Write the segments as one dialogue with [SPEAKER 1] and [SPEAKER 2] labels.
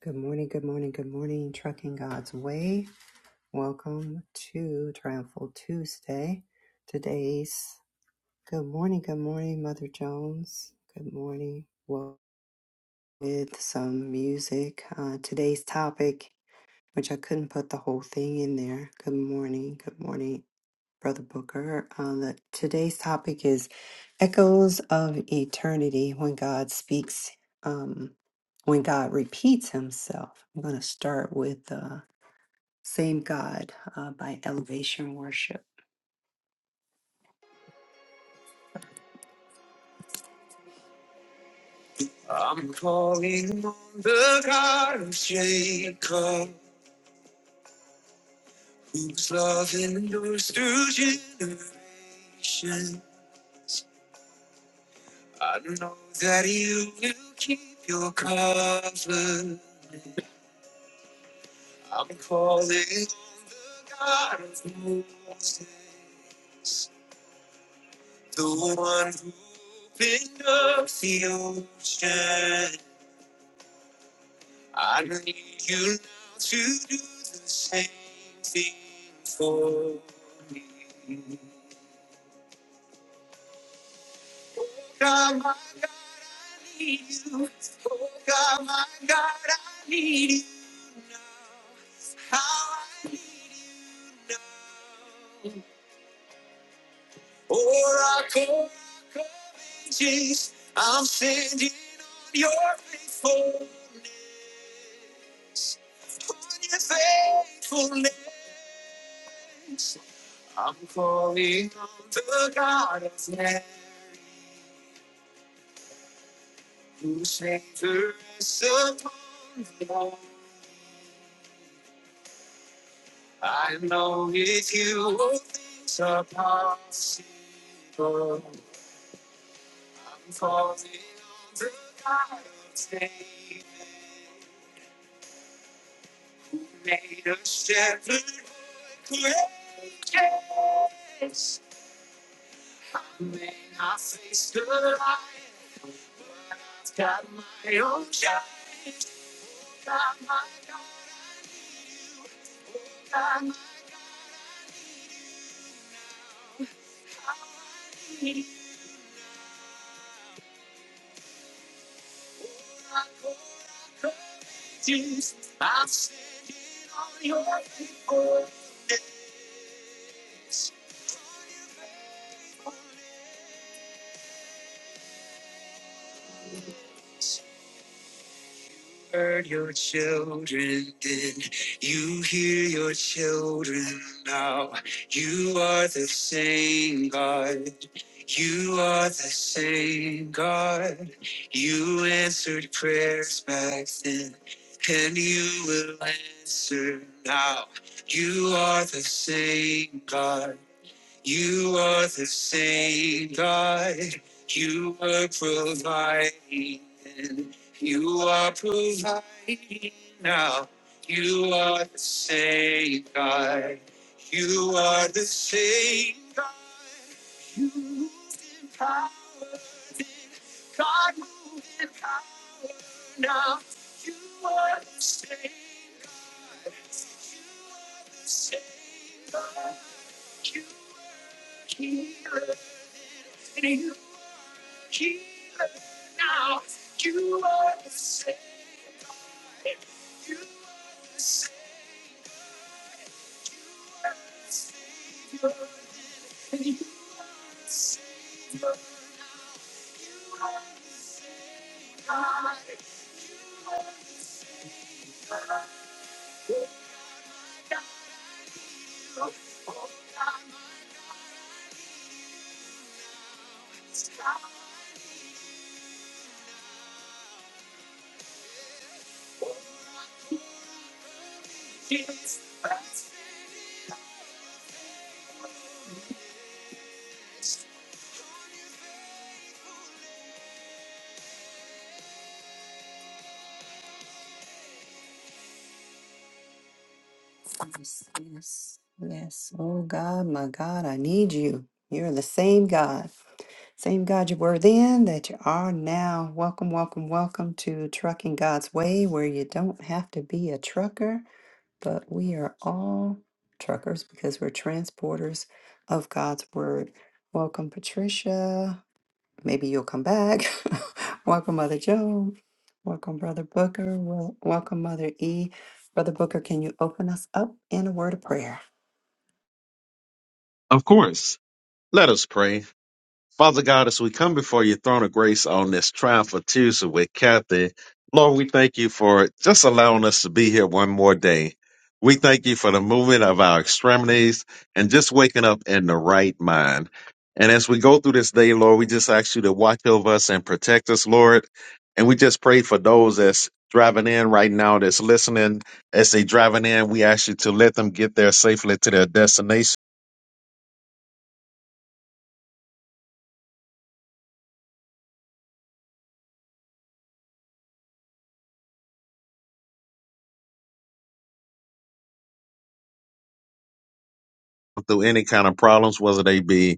[SPEAKER 1] Good morning, good morning, good morning, Trucking God's Way. Welcome to Triumphal Tuesday. Today's good morning, good morning, Mother Jones. Good morning. Well, with some music. Uh, today's topic, which I couldn't put the whole thing in there. Good morning, good morning. Brother Booker. Um, that today's topic is echoes of eternity when God speaks, um, when God repeats himself. I'm going to start with uh, Same God uh, by Elevation Worship. I'm calling on the God of Jacob, whose love endures through generations. I know that you will keep your covenant. I'm calling on the God of Moses, the one who opened up the ocean. I need you now to do the same thing for me. Oh God, my God, I need you. Oh God, my God, I need you now. How I need you now. Oracle of ages, I'm standing on your faithfulness. On your faithfulness, I'm calling on the God of man who saved us upon the wall. I know with you all things are possible. I'm calling on the God of David made a shepherd Chances I may not face the light. I've got my own shades. Got my guard up. Got my walls up. Got my tears. I'm singing on your face. heard your children then. You hear your children now. You are the same God. You are the same God. You answered prayers back then, and you will answer now. You are the same God. You are the same God. You are providing. then. You are providing now. You are the same God. You are the same God. You are God moving power now. You are the same, God. the same God. You are healer and you are healer now. You are the same. Yes, yes, yes. Oh God, my God, I need you. You're the same God, same God you were then that you are now. Welcome, welcome, welcome to Trucking God's Way, where you don't have to be a trucker, but we are all truckers because we're transporters of God's Word. Welcome, Patricia. Maybe you'll come back. welcome, Mother Joe. Welcome, Brother Booker. Wel- welcome, Mother E. Brother Booker, can you open us up in a word of prayer?
[SPEAKER 2] Of course. Let us pray. Father God, as we come before your throne of grace on this triumphal Tuesday with Kathy, Lord, we thank you for just allowing us to be here one more day. We thank you for the movement of our extremities and just waking up in the right mind. And as we go through this day, Lord, we just ask you to watch over us and protect us, Lord. And we just pray for those that's driving in right now, that's listening. As they driving in, we ask you to let them get there safely to their destination. through any kind of problems, whether they be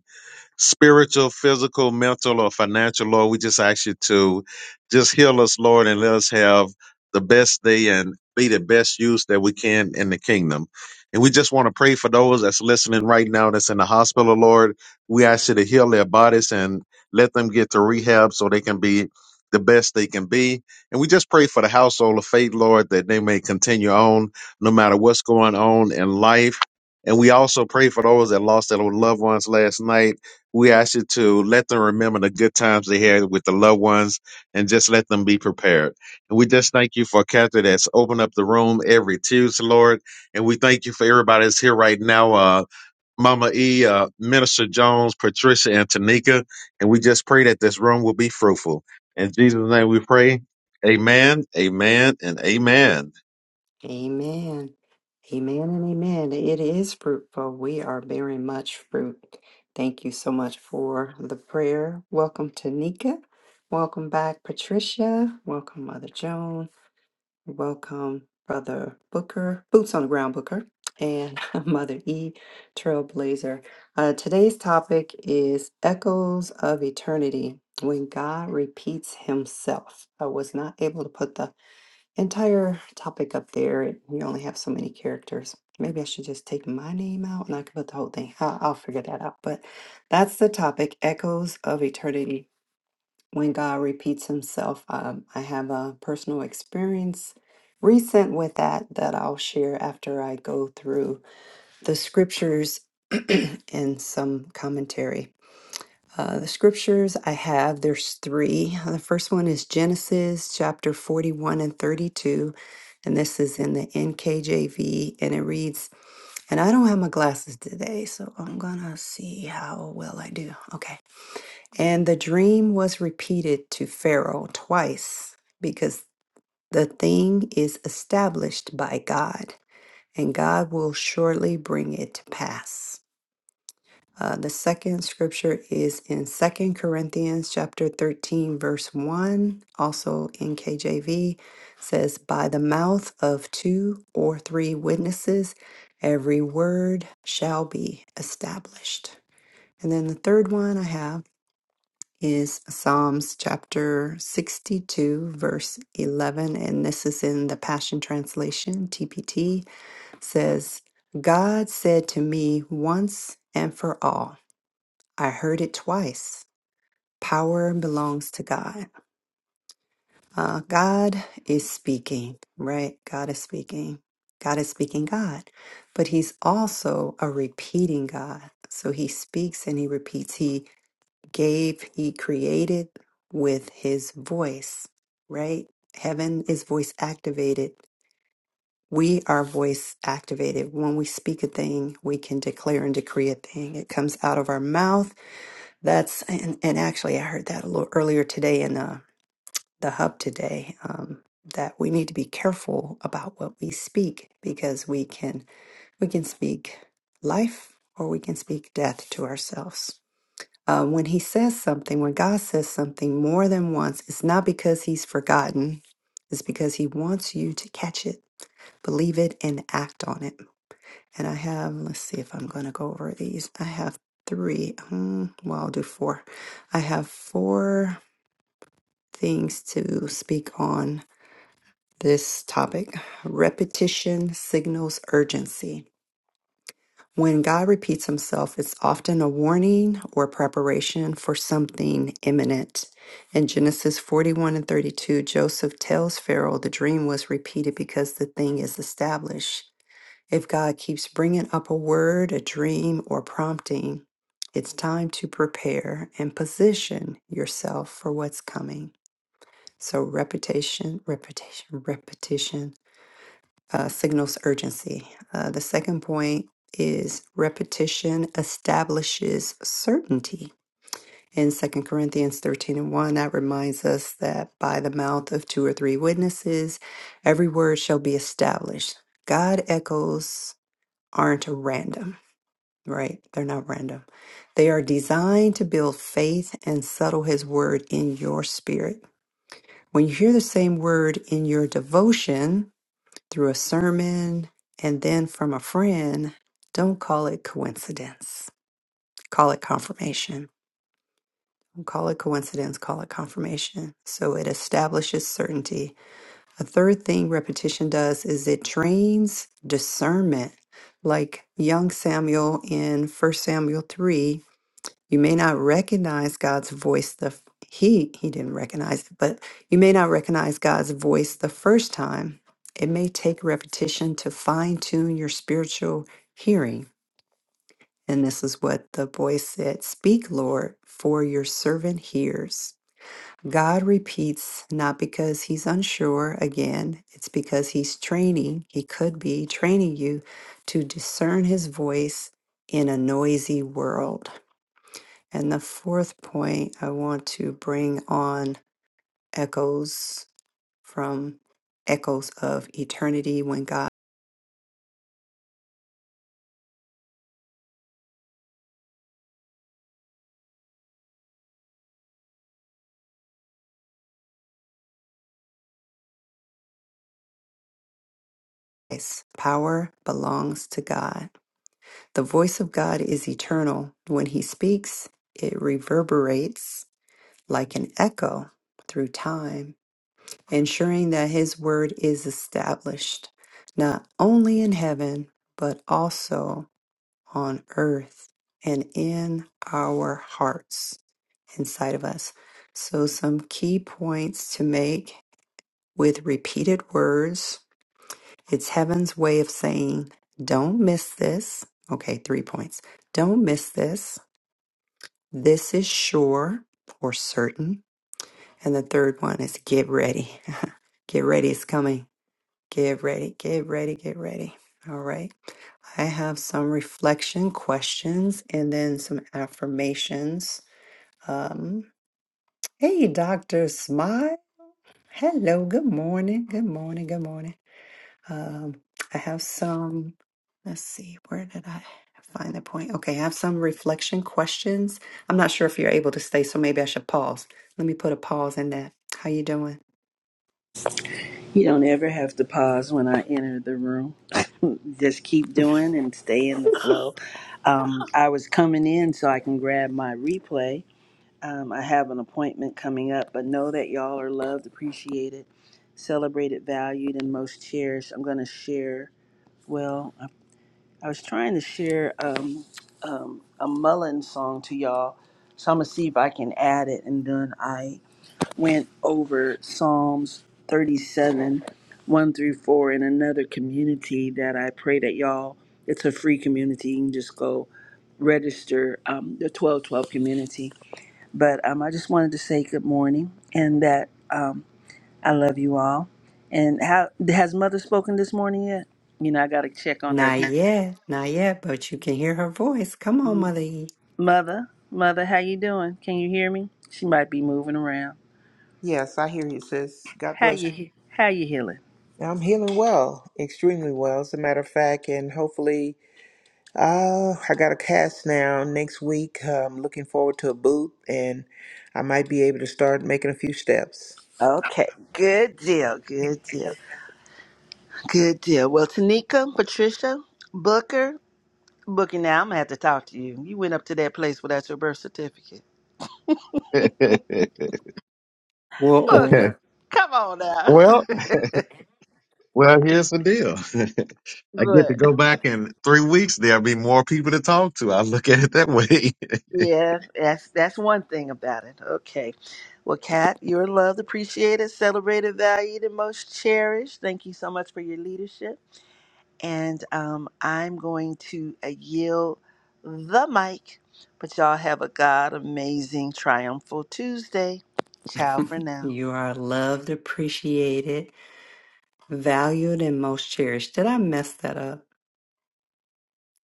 [SPEAKER 2] spiritual, physical, mental, or financial, Lord. We just ask you to just heal us, Lord, and let us have the best day and be the best use that we can in the kingdom. And we just want to pray for those that's listening right now that's in the hospital, Lord. We ask you to heal their bodies and let them get to rehab so they can be the best they can be. And we just pray for the household of faith, Lord, that they may continue on no matter what's going on in life. And we also pray for those that lost their loved ones last night we ask you to let them remember the good times they had with the loved ones and just let them be prepared. And we just thank you for Catherine that's opened up the room every Tuesday, Lord. And we thank you for everybody that's here right now. Uh, Mama E, uh, Minister Jones, Patricia, and Tanika. And we just pray that this room will be fruitful. In Jesus' name we pray. Amen, amen, and amen.
[SPEAKER 1] Amen. Amen and amen. It is fruitful. We are bearing much fruit. Thank you so much for the prayer. Welcome, Tanika. Welcome back, Patricia. Welcome, Mother Joan. Welcome, Brother Booker, Boots on the Ground Booker, and Mother E, Trailblazer. Uh, today's topic is Echoes of Eternity when God repeats himself. I was not able to put the entire topic up there. It- We only have so many characters. Maybe I should just take my name out and I can put the whole thing. i I'll figure that out. But that's the topic Echoes of Eternity when God repeats himself. Um, I have a personal experience recent with that that I'll share after I go through the scriptures and some commentary. Uh, the scriptures I have, there's three. The first one is Genesis chapter 41 and 32, and this is in the NKJV, and it reads, and I don't have my glasses today, so I'm gonna see how well I do. Okay. And the dream was repeated to Pharaoh twice because the thing is established by God, and God will surely bring it to pass. Uh, the second scripture is in Second Corinthians chapter 13 verse 1, also in KJV, says by the mouth of two or three witnesses every word shall be established. And then the third one I have is Psalms chapter 62, verse 11. And this is in the Passion Translation, TPT says, God said to me once and for all. I heard it twice. Power belongs to God. Uh, God is speaking, right? God is speaking. God is speaking God, but He's also a repeating God. So He speaks and He repeats. He gave he created with his voice, right? Heaven is voice activated. We are voice activated. When we speak a thing, we can declare and decree a thing. It comes out of our mouth. That's, and, and actually, I heard that a little earlier today in the, the hub today, um, that we need to be careful about what we speak because we can, we can speak life or we can speak death to ourselves uh, when he says something, when God says something more than once, it's not because he's forgotten, it's because he wants you to catch it, believe it, and act on it. And I have, let's see if I'm going to go over these. I have three, um, well, I'll do four. I have four things to speak on this topic repetition signals urgency. When God repeats himself, it's often a warning or preparation for something imminent. In Genesis 41 and 32, Joseph tells Pharaoh the dream was repeated because the thing is established. If God keeps bringing up a word, a dream, or prompting, it's time to prepare and position yourself for what's coming. So, repetition, repetition, repetition uh, signals urgency. Uh, the second point is repetition establishes certainty. In 2 Corinthians 13 and 1, that reminds us that by the mouth of two or three witnesses, every word shall be established. God echoes aren't random, right? They're not random. They are designed to build faith and settle his word in your spirit. When you hear the same word in your devotion, through a sermon, and then from a friend, don't call it coincidence. Call it confirmation. Don't Call it coincidence, call it confirmation. So it establishes certainty. A third thing repetition does is it trains discernment. Like young Samuel in First Samuel 3, you may not recognize God's voice the f- he he didn't recognize it, but you may not recognize God's voice the first time. It may take repetition to fine tune your spiritual hearing. And this is what the voice said, "Speak, Lord, for your servant hears." God repeats not because he's unsure again, it's because he's training, he could be training you to discern his voice in a noisy world. And the fourth point, I want to bring on echoes from echoes of eternity when God's power belongs to God. The voice of God is eternal. When he speaks, it reverberates like an echo through time, ensuring that his word is established not only in heaven, but also on earth and in our hearts. inside of us. So, some key points to make with repeated words it's heaven's way of saying, Don't miss this. Okay, three points. Don't miss this. This is sure or certain. And the third one is get ready. Get ready, it's coming. Get ready, get ready, get ready. All right. I have some reflection questions and then some affirmations. Um, hey, Dr. Smile. Hello, good morning, good morning, good morning. Um, I have some, let's see, where did I find the point? Okay, I have some reflection questions. I'm not sure if you're able to stay, so maybe I should pause. Let me put a pause in that. How you doing?
[SPEAKER 3] You don't ever have to pause when I enter the room. Just keep doing and stay in the flow. Um, I was coming in so I can grab my replay. Um, I have an appointment coming up, but know that y'all are loved, appreciated, celebrated, valued, and most cherished. I'm going to share, well, I, I was trying to share um, um, a Mullen song to y'all, so I'm going to see if I can add it. And then I went over Psalms 37, 1 through 4 in another community that I pray that y'all, it's a free community. You can just go register um, the 1212 community. But um, I just wanted to say good morning and that um, I love you all. And how has mother spoken this morning yet? You know, I got to check on her.
[SPEAKER 1] Not
[SPEAKER 3] heat.
[SPEAKER 1] yet, not yet, but you can hear her voice. Come on,
[SPEAKER 3] M-
[SPEAKER 1] Mother E.
[SPEAKER 3] Mother, mother, how you doing? Can you hear me? She might be moving around.
[SPEAKER 4] Yes, I hear you, sis. God
[SPEAKER 3] How
[SPEAKER 4] bless
[SPEAKER 3] you he- how you healing?
[SPEAKER 4] you. I'm healing well, extremely well, as a matter of fact, and hopefully, uh, I got a cast now next week. Uh, I'm looking forward to a boot, and I might be able to start making a few steps.
[SPEAKER 3] Okay, good deal, good deal, good deal. Well, Tanika, Patricia, Booker, Booker, now I'm gonna have to talk to you. You went up to that place without your birth certificate.
[SPEAKER 1] Whoa.
[SPEAKER 3] Booker, come on now.
[SPEAKER 2] well, Well, here's the deal. I get to
[SPEAKER 3] Good.
[SPEAKER 2] go back in three weeks. There'll be more people to talk to. I look at it that way.
[SPEAKER 3] Yeah, that's that's one thing about it. Okay. Well, Kat, you're loved, appreciated, celebrated, valued, and most cherished. Thank you so much for your leadership. and um, I'm going to uh, yield the mic. But y'all have a God amazing, triumphal Tuesday. Ciao for now.
[SPEAKER 1] You are loved, appreciated, valued, and most cherished. Did I mess that up?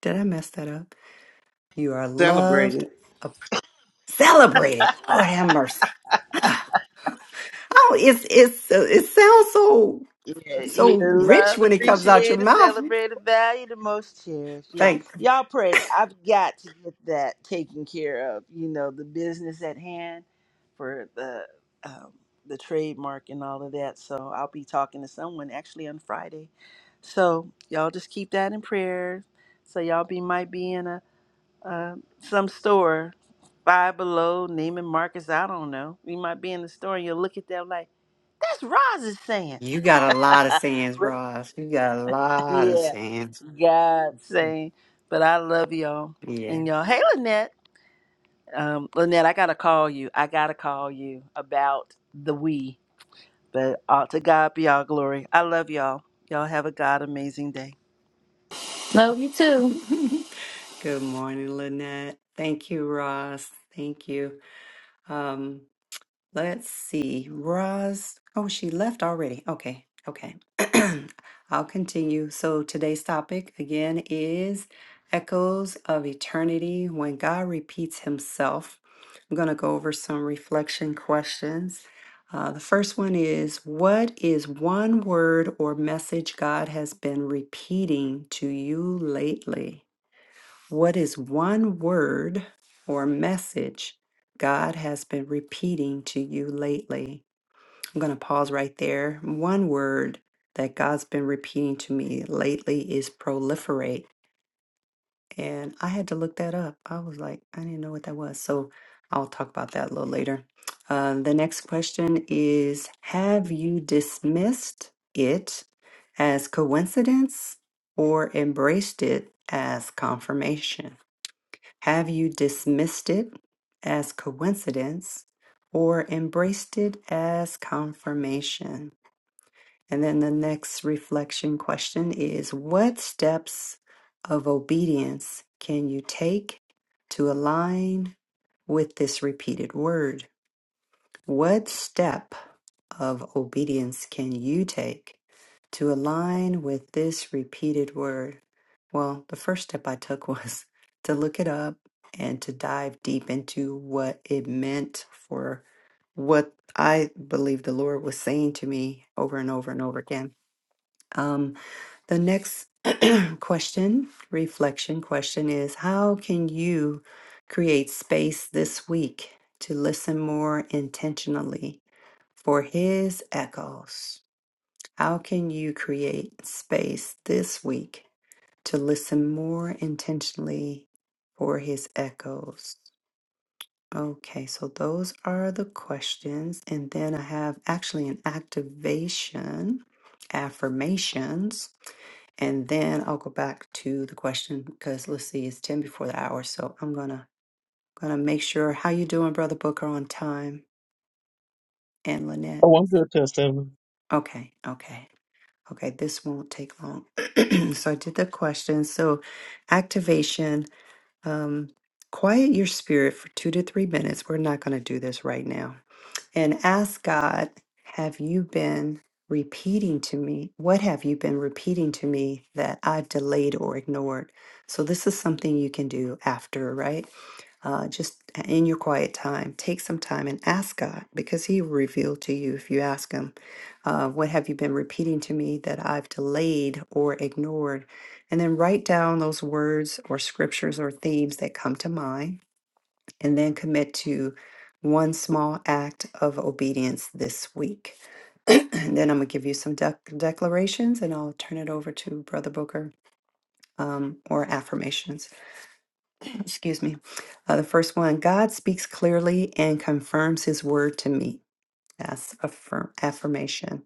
[SPEAKER 1] Did I mess that up? You are
[SPEAKER 4] Celebrate
[SPEAKER 1] loved.
[SPEAKER 4] it.
[SPEAKER 1] Celebrate it. Lord have mercy. Ah, Oh, it's it's uh, it sounds so
[SPEAKER 3] Yeah,
[SPEAKER 1] so
[SPEAKER 3] you
[SPEAKER 1] rich
[SPEAKER 3] loved,
[SPEAKER 1] when it comes out your
[SPEAKER 3] appreciated,
[SPEAKER 1] mouth.
[SPEAKER 3] celebrated, valued, and most cherished. Yeah,
[SPEAKER 1] Thank you.
[SPEAKER 3] y'all pray. I've got to get that taken care of. You know, the business at hand for the um, the trademark and all of that. So I'll be talking to someone actually on Friday. So y'all just keep that in prayer. So y'all be might be in a uh, some store, Five Below, Neiman Marcus. I don't know. We might be in the store and you'll look at them like that's Roz's saying.
[SPEAKER 1] You got a lot of sayings,
[SPEAKER 3] Really?
[SPEAKER 1] Ross. You got a lot of
[SPEAKER 3] yeah,
[SPEAKER 1] sayings.
[SPEAKER 3] God saying, but I love y'all.
[SPEAKER 1] Yeah.
[SPEAKER 3] And y'all, hey, Lynette. Um, Lynette, I got to call you. I got to call you about the we. But all to God be all glory. I love y'all. Y'all have a God amazing day.
[SPEAKER 5] Love you too.
[SPEAKER 1] Good morning, Lynette. Thank you, Ross. Thank you. Um, Let's see. Roz. Oh, she left already. Okay. Okay. I'll continue. So today's topic again is Echoes of Eternity when God repeats himself. I'm going to go over some reflection questions. Uh, the first one is What is one word or message God has been repeating to you lately? What is one word or message God has been repeating to you lately? I'm going to pause right there. One word that God's been repeating to me lately is proliferate. And I had to look that up. I was like, I didn't know what that was. So I'll talk about that a little later. Um, the next question is Have you dismissed it as coincidence or embraced it as confirmation? Have you dismissed it as coincidence or embraced it as confirmation? And then the next reflection question is What steps of obedience can you take to align with this repeated word? What step of obedience can you take to align with this repeated word? Well, the first step I took was to look it up and to dive deep into what it meant for what I believe the Lord was saying to me over and over and over again. Um, the next question, reflection question is how can you create space this week to listen more intentionally for his echoes. How can you create space this week to listen more intentionally for his echoes? Okay, so those are the questions. And then I have actually an activation, affirmations. And then I'll go back to the question because let's see, it's 10 before the hour. So I'm gonna gonna make sure how you doing, Brother Booker, on time and Lynette.
[SPEAKER 2] oh, I'm good, Test Evan.
[SPEAKER 1] Okay, okay. Okay, this won't take long. so I did the question. So activation, um, quiet your spirit for two to three minutes. We're not going to do this right now and ask God, have you been repeating to me? What have you been repeating to me that I've delayed or ignored? So, this is something you can do after, right? Uh, just uh, in your quiet time, take some time and ask God because He will reveal to you if you ask Him, uh, What have you been repeating to me that I've delayed or ignored? And then write down those words or scriptures or themes that come to mind and then commit to one small act of obedience this week. and then I'm going to give you some dec- declarations and I'll turn it over to Brother Booker um, or affirmations. Excuse me. Uh, the first one God speaks clearly and confirms his word to me. That's affirm- affirmation.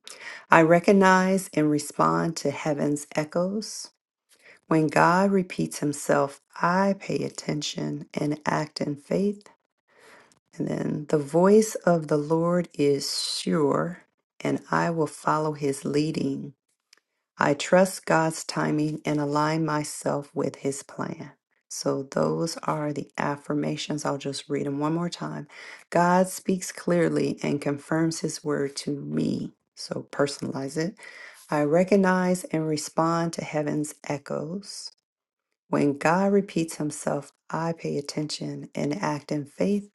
[SPEAKER 1] I recognize and respond to heaven's echoes. When God repeats himself, I pay attention and act in faith. And then the voice of the Lord is sure, and I will follow his leading. I trust God's timing and align myself with his plan. So, those are the affirmations. I'll just read them one more time. God speaks clearly and confirms his word to me. So, personalize it. I recognize and respond to heaven's echoes. When God repeats himself, I pay attention and act in faith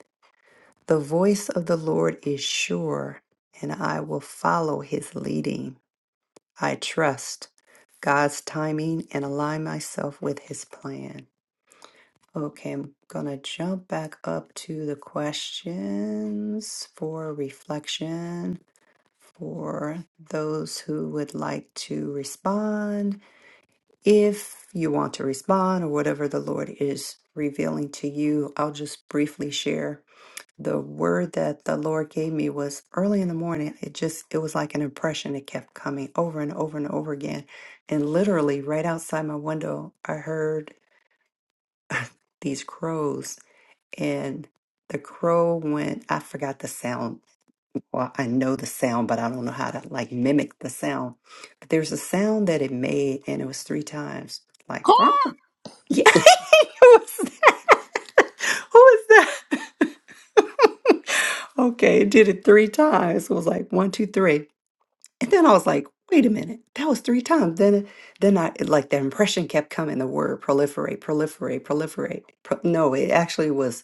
[SPEAKER 1] the voice of the Lord is sure, and I will follow his leading. I trust God's timing and align myself with his plan. Okay, I'm going to jump back up to the questions for reflection for those who would like to respond. If you want to respond or whatever the Lord is revealing to you, I'll just briefly share the word that the Lord gave me was early in the morning. It just, it was like an impression that kept coming over and over and over again. And literally, right outside my window, I heard these crows, and the crow went, I forgot the sound. Well, I know the sound, but I don't know how to like mimic the sound. But there's a sound that it made, and it was three times like,
[SPEAKER 4] Come
[SPEAKER 1] "Quack." yeah, who was that? Who was that? okay, it did it three times. It was like one, two, three. And then I was like, wait a minute, that was three times. Then then I it, like the impression kept coming, the word proliferate, proliferate, proliferate. Pro- no, it actually was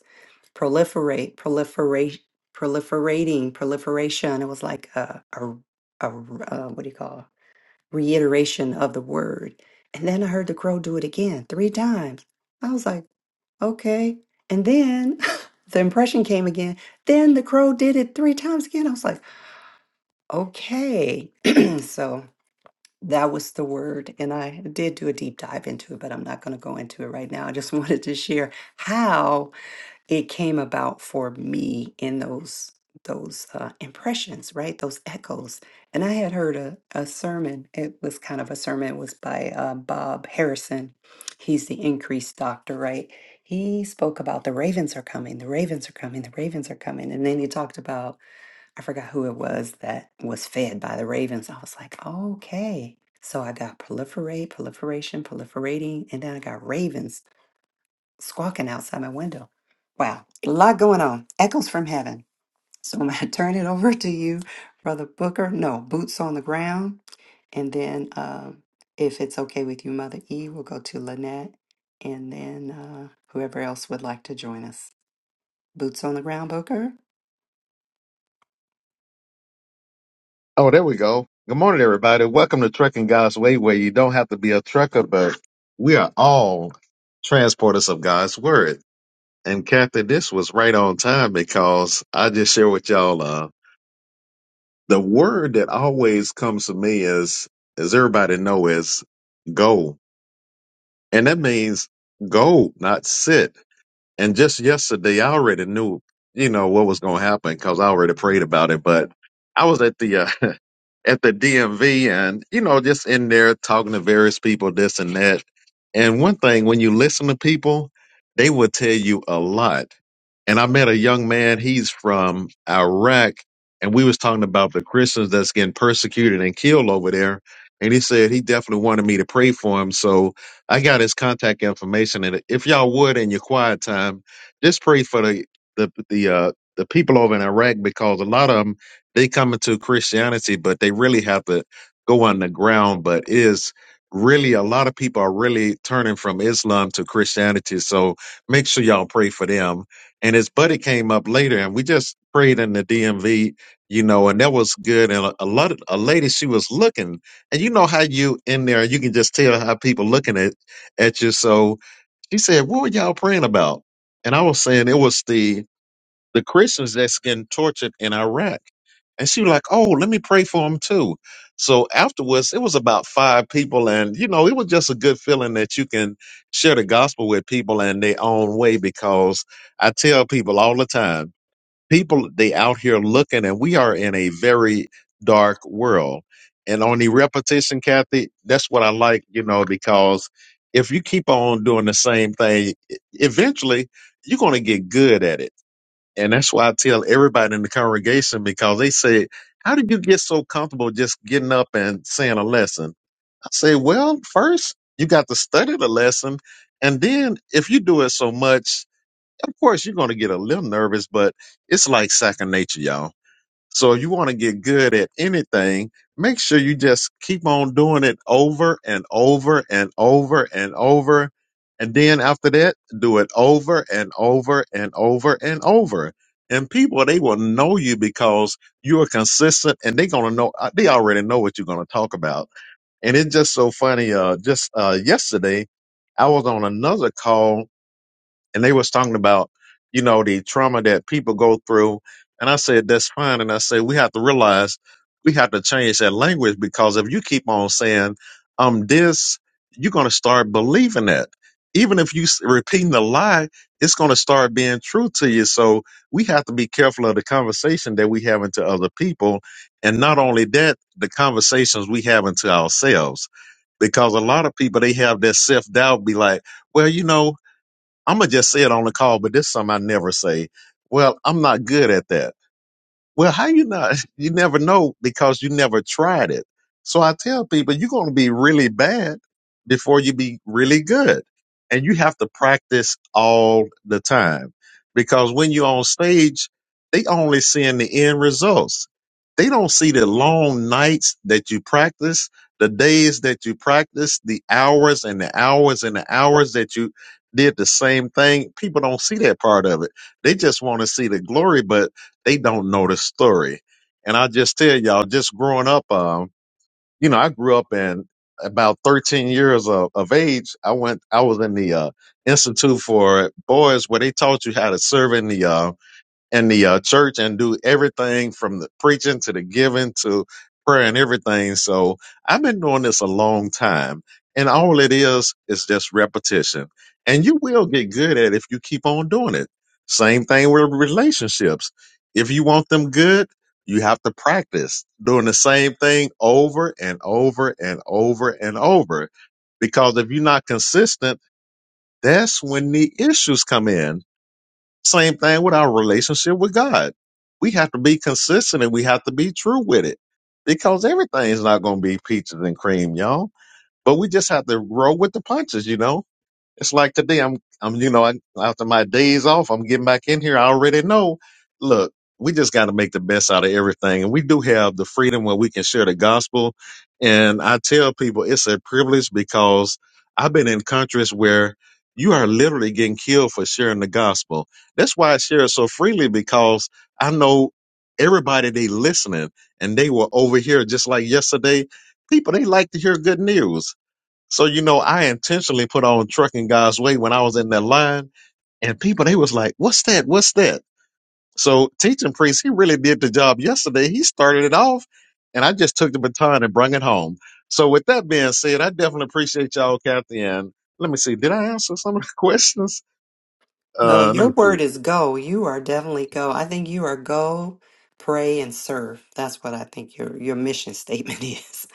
[SPEAKER 1] proliferate, proliferate, proliferating, proliferation. It was like a, a, a uh, what do you call reiteration of the word. And then I heard the crow do it again three times. I was like, okay. And then the impression came again. Then the crow did it three times again. I was like, okay. so that was the word. And I did do a deep dive into it, but I'm not going to go into it right now. I just wanted to share how it came about for me in those those uh, impressions, right? Those echoes. And I had heard a, a sermon. It was kind of a sermon. It was by uh, Bob Harrison. He's the increased doctor, right? He spoke about the ravens are coming, the ravens are coming, the ravens are coming. And then he talked about, I forgot who it was that was fed by the ravens. I was like, okay. So I got proliferate, proliferation, proliferating, and then I got ravens squawking outside my window. Wow, a lot going on. Echoes from heaven. So I'm going to turn it over to you, Brother Booker. No, boots on the ground. And then, uh, if it's okay with you, Mother E, we'll go to Lynette and then uh, whoever else would like to join us. Boots on the ground, Booker.
[SPEAKER 2] Oh, there we go. Good morning, everybody. Welcome to Trucking God's Way, where you don't have to be a trucker, but we are all transporters of God's Word. And Kathy, this was right on time because I just share with y'all uh, the word that always comes to me is, as everybody know, is go. And that means go, not sit. And just yesterday, I already knew, you know, what was going to happen because I already prayed about it. But I was at the uh, at the DMV, and you know, just in there talking to various people, this and that. And one thing, when you listen to people, they will tell you a lot. And I met a young man. He's from Iraq, and we was talking about the Christians that's getting persecuted and killed over there. And he said he definitely wanted me to pray for him. So I got his contact information, and if y'all would, in your quiet time, just pray for the the the uh, the people over in Iraq because a lot of them they come into Christianity, but they really have to go underground. But it is really a lot of people are really turning from Islam to Christianity, so make sure y'all pray for them. And his buddy came up later, and we just prayed in the DMV, you know, and that was good. And a, a lot of a lady, she was looking, and you know how you in there, you can just tell how people looking at at you. So she said, What were y'all praying about? And I was saying it was the the Christians that's getting tortured in Iraq. And she was like, Oh, let me pray for them too. So afterwards, it was about five people. And, you know, it was just a good feeling that you can share the gospel with people in their own way because I tell people all the time, people they out here looking and we are in a very dark world and on the repetition kathy that's what i like you know because if you keep on doing the same thing e- eventually you're going to get good at it and that's why i tell everybody in the congregation because they say how did you get so comfortable just getting up and saying a lesson i say well first you got to study the lesson and then if you do it so much of course you're going to get a little nervous, but it's like second nature, y'all. So if you want to get good at anything, make sure you just keep on doing it over and over and over and over. And then after that, do it over and over and over and over. And people, they will know you because you are consistent and they're going to know, uh, they already know what you're going to talk about. And it's just so funny. Uh, just, uh, yesterday I was on another call and they was talking about you know the trauma that people go through and i said that's fine and i said we have to realize we have to change that language because if you keep on saying um this you're going to start believing that even if you s- repeating the lie it's going to start being true to you so we have to be careful of the conversation that we have into other people and not only that the conversations we have into ourselves because a lot of people they have that self doubt, be like, well, you know, I'm gonna just say it on the call, but this is something I never say. Well, I'm not good at that. Well, how you not? You never know because you never tried it. So I tell people you're going to be really bad before you be really good. And you have to practice all the time because when you're on stage, they only seeing the end results. They don't see the long nights that you practice, the days that you practice, the hours and the hours and the hours that you did the same thing. People don't see that part of it. They just want to see the glory, but they don't know the story. And I just tell y'all, just growing up, um, you know, I grew up in about 13 years of, of age. I went, I was in the uh, Institute for Boys where they taught you how to serve in the, uh, in the uh, church and do everything from the preaching to the giving to prayer and everything. So I've been doing this a long time, and all it is is just repetition. And you will get good at it if you keep on doing it. Same thing with relationships. If you want them good, you have to practice doing the same thing over and over and over and over. Because if you're not consistent, that's when the issues come in same thing with our relationship with God. We have to be consistent and we have to be true with it because everything's not going to be peaches and cream, y'all. But we just have to roll with the punches, you know? It's like today, I'm, I'm, you know, I, after my days off, I'm getting back in here. I already know. Look, we just got to make the best out of everything, and we do have the freedom where we can share the gospel. And I tell people it's a privilege because I've been in countries where you are literally getting killed for sharing the gospel. That's why I share it so freely because I know everybody they listening, and they were over here just like yesterday. People they like to hear good news so you know, I intentionally put on trucking God's way when I was in that line, and people they was like, "What's that? What's that?" So teaching priest, he really did the job yesterday. He started it off, and I just took the baton and brung it home. So with that being said, I definitely appreciate y'all, Kathy. And let me see, did I answer some of the questions?
[SPEAKER 1] Well,
[SPEAKER 2] Uh, let
[SPEAKER 1] your
[SPEAKER 2] me see.
[SPEAKER 1] word is go. You are definitely go. I think you are go, pray, and serve. That's what I think your, your mission statement is.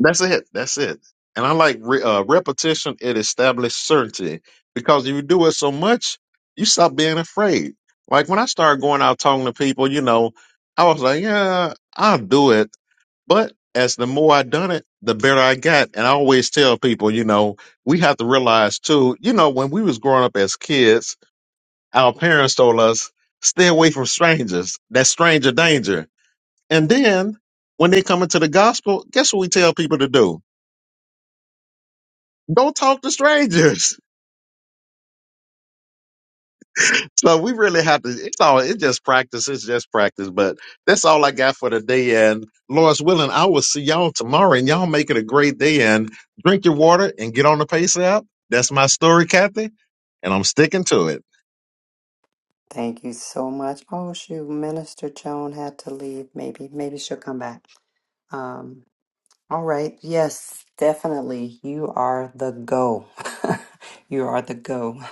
[SPEAKER 2] That's it. That's it. And I like re- uh, repetition. It establishes certainty because if you do it so much, you stop being afraid. Like when I started going out talking to people, you know, I was like, yeah, I'll do it. But as the more I done it, the better I got. And I always tell people, you know, we have to realize too, you know, when we was growing up as kids, our parents told us, stay away from strangers. That's stranger danger. And then when they come into the gospel, guess what we tell people to do? Go talk to strangers. So we really have to. It's all. It's just practice. It's just practice. But that's all I got for today. And Lord's willing, I will see y'all tomorrow. And y'all make it a great day. And drink your water and get on the pace app. That's my story, Kathy, and I'm sticking to it.
[SPEAKER 1] Thank you so much. Oh shoot, Minister Joan had to leave. Maybe, maybe she'll come back. Um, all right. Yes, definitely. You are the go. you are the go.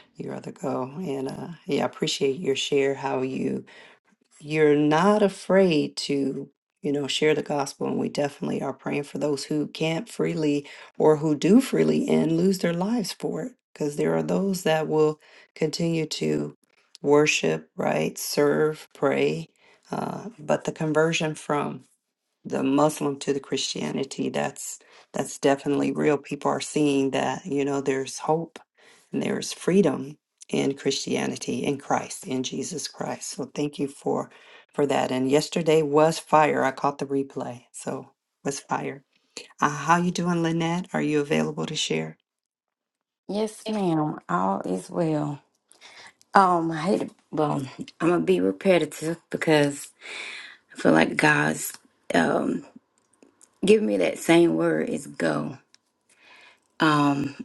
[SPEAKER 1] you are the go. And uh, yeah, I appreciate your share. How you you're not afraid to you know share the gospel and we definitely are praying for those who can't freely or who do freely and lose their lives for it because there are those that will continue to worship right serve pray uh, but the conversion from the Muslim to the Christianity, that's that's definitely real. People are seeing that, you know, there's hope and there's freedom in Christianity, in Christ, in Jesus Christ. So thank you for for that. And yesterday was fire. I caught the replay. So was fire. Uh, how you doing, Lynette? Are you available to share?
[SPEAKER 5] Yes, ma'am. All is well. Um, I hate well, I'm gonna be repetitive because I feel like God's um giving me that same word is go. Um,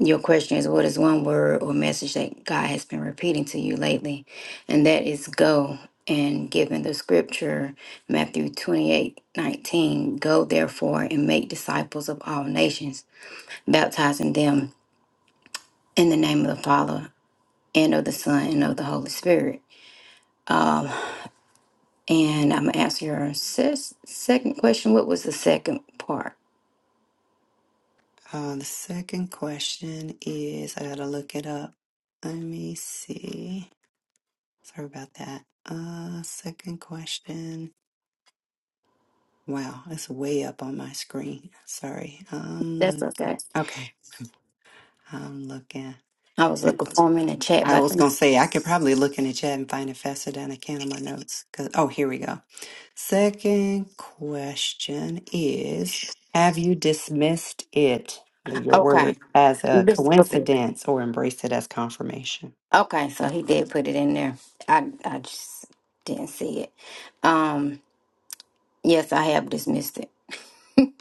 [SPEAKER 5] your question is what is one word or message that God has been repeating to you lately? And that is go. And given the scripture, Matthew 28:19, go therefore and make disciples of all nations, baptizing them in the name of the Father and of the Son and of the Holy Spirit. Um, and I'm gonna answer your ses- second question. What was the second part?
[SPEAKER 1] Uh, the second question is I gotta look it up. Let me see. Sorry about that. Uh, second question. Wow, it's way up on my screen. Sorry. I'm
[SPEAKER 5] That's
[SPEAKER 1] looking.
[SPEAKER 5] okay.
[SPEAKER 1] Okay, I'm looking.
[SPEAKER 5] I was
[SPEAKER 1] I,
[SPEAKER 5] looking for him in the chat,
[SPEAKER 1] I
[SPEAKER 5] but I
[SPEAKER 1] was
[SPEAKER 5] think
[SPEAKER 1] going to say, I could probably look in the chat and find it faster than I can on my notes. 'Cause- oh, here we go. Second question is Have you dismissed it, your word,
[SPEAKER 5] okay.
[SPEAKER 1] as a
[SPEAKER 5] This
[SPEAKER 1] coincidence or embraced it as confirmation?
[SPEAKER 5] Okay, so he did put it in there. I I just didn't see it. Um, yes, I have dismissed it.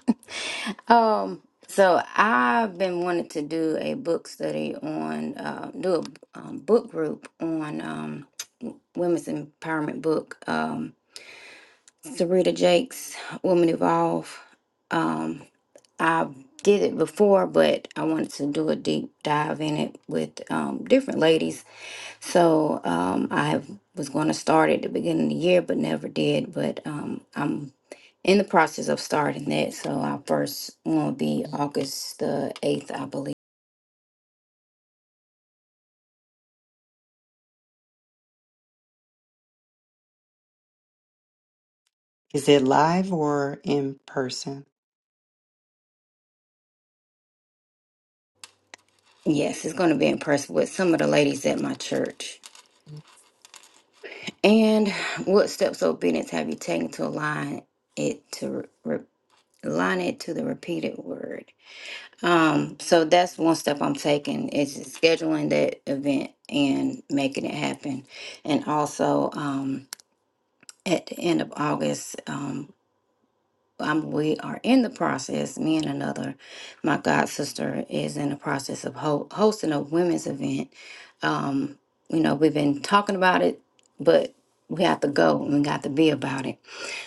[SPEAKER 5] Um, so I've been wanting to do a book study on uh, do a um, book group on um, women's empowerment book. Um, Sarita Jakes, Woman Evolve. Um, I did it before, but I wanted to do a deep dive in it with um, different ladies. So um, I have, was going to start at the beginning of the year, but never did. But um, I'm in the process of starting that. So our first one will be August the 8th, I believe.
[SPEAKER 1] Is it live or in person?
[SPEAKER 5] Yes, it's going to be in person with some of the ladies at my church. And what steps of obedience have you taken to align it to re- align it to the repeated word? Um, so that's one step I'm taking is scheduling that event and making it happen. And also um, at the end of August, um, um, we are in the process. Me and another, my god sister, is in the process of ho- hosting a women's event. Um, you know, we've been talking about it, but we have to go and we got to be about it.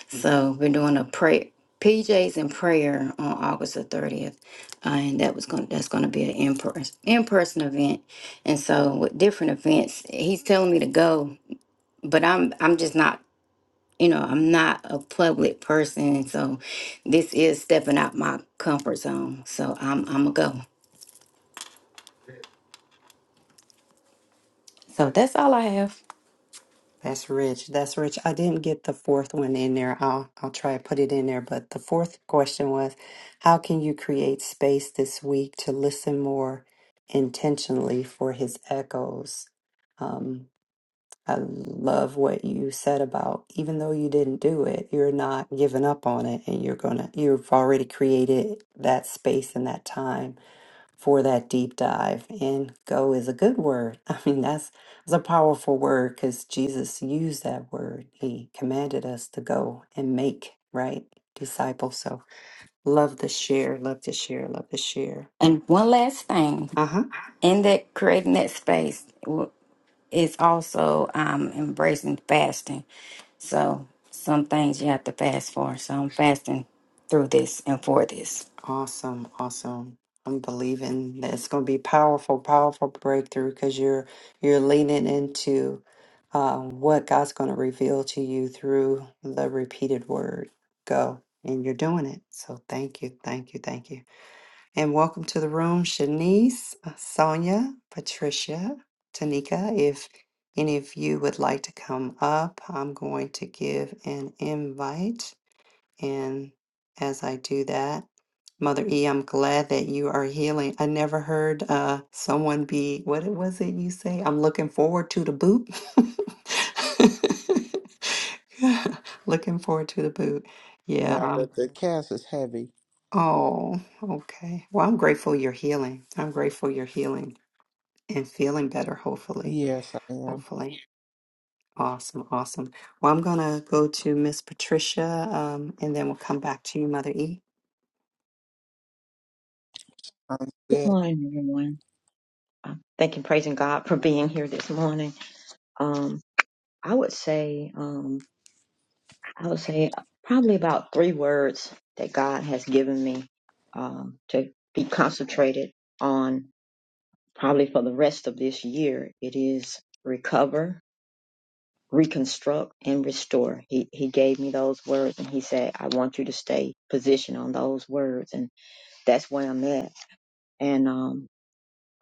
[SPEAKER 5] So we're doing a prayer, PJs and prayer on August the thirtieth, uh, and that was going that's going to be an in person in person event. And so with different events, he's telling me to go, but I'm I'm just not you know, I'm not a public person, so this is stepping out my comfort zone. So I'm I'm a go. So that's all I have.
[SPEAKER 1] That's rich. That's rich. I didn't get the fourth one in there. I'll I'll try to put it in there. But the fourth question was, how can you create space this week to listen more intentionally for his echoes? Um, I love what you said about even though you didn't do it, you're not giving up on it and you're gonna you've already created that space and that time for that deep dive. And go is a good word. I mean, that's, that's a powerful word because Jesus used that word. He commanded us to go and make, right? Disciples. So love to share, love to share, love to share.
[SPEAKER 5] And one last thing,
[SPEAKER 1] Uh huh.
[SPEAKER 5] in that creating that space w- is also um embracing fasting. So some things you have to fast for. So I'm fasting through this and for this.
[SPEAKER 1] Awesome, awesome. I'm believing that it's going to be powerful, powerful breakthrough because you're you're leaning into uh, what God's going to reveal to you through the repeated word. Go, and you're doing it. So thank you, thank you, thank you, and welcome to the room, Shanice, Sonia, Patricia, Tanika. If any of you would like to come up, I'm going to give an invite. And as I do that, Mother E, I'm glad that you are healing. I never heard uh, someone be, what it- was it you say? I'm looking forward to the boot. looking forward to the boot. Yeah.
[SPEAKER 4] Yeah, the,
[SPEAKER 1] Um,
[SPEAKER 4] the cast is heavy.
[SPEAKER 1] oh, okay. Well, I'm grateful you're healing. I'm grateful you're healing and feeling better, hopefully.
[SPEAKER 4] Yes, I am.
[SPEAKER 1] Hopefully. Awesome. Awesome. Well, I'm going to go to Miss Patricia um, and then we'll come back to you, Mother E.
[SPEAKER 4] I'm
[SPEAKER 6] Good
[SPEAKER 4] good.
[SPEAKER 6] morning, everyone. I Thank and praising God for being here this morning. Um, I would say, um, I would say probably about three words that God has given me um, to be concentrated on probably for the rest of this year. It is recover, reconstruct, and restore. He He gave me those words, and He said, "I want you to stay positioned on those words," and that's where I'm at. And um,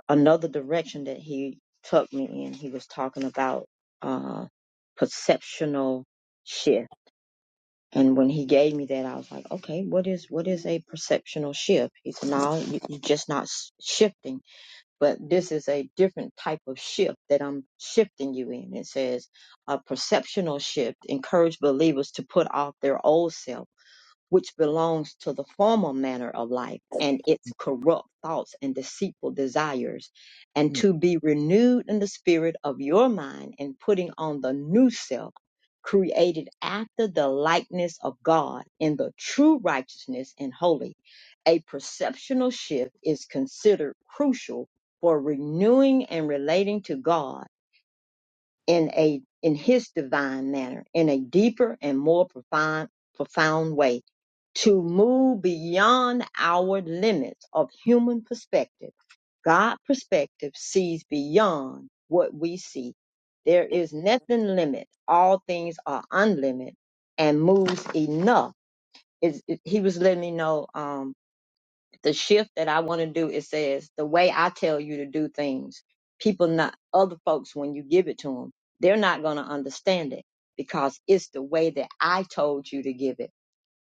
[SPEAKER 6] another direction that he took me in. He was talking about uh perceptional shift. And when he gave me that, I was like, okay, what is what is a perceptional shift? He said, no, you, you're just not s- shifting, but this is a different type of shift that I'm shifting you in. It says a perceptional shift encourage believers to put off their old self which belongs to the former manner of life and its corrupt thoughts and deceitful desires, and to be renewed in the spirit of your mind and putting on the new self, created after the likeness of God in the true righteousness and holy. A perceptional shift is considered crucial for renewing and relating to God in a in his divine manner in a deeper and more profound profound way to move beyond our limits of human perspective god perspective sees beyond what we see there is nothing limit all things are unlimited and moves enough It's- it, he was letting me know um, the shift that I want to do, it says the way I tell you to do things, people not other folks when you give it to them, they're not going to understand it because it's the way that I told you to give it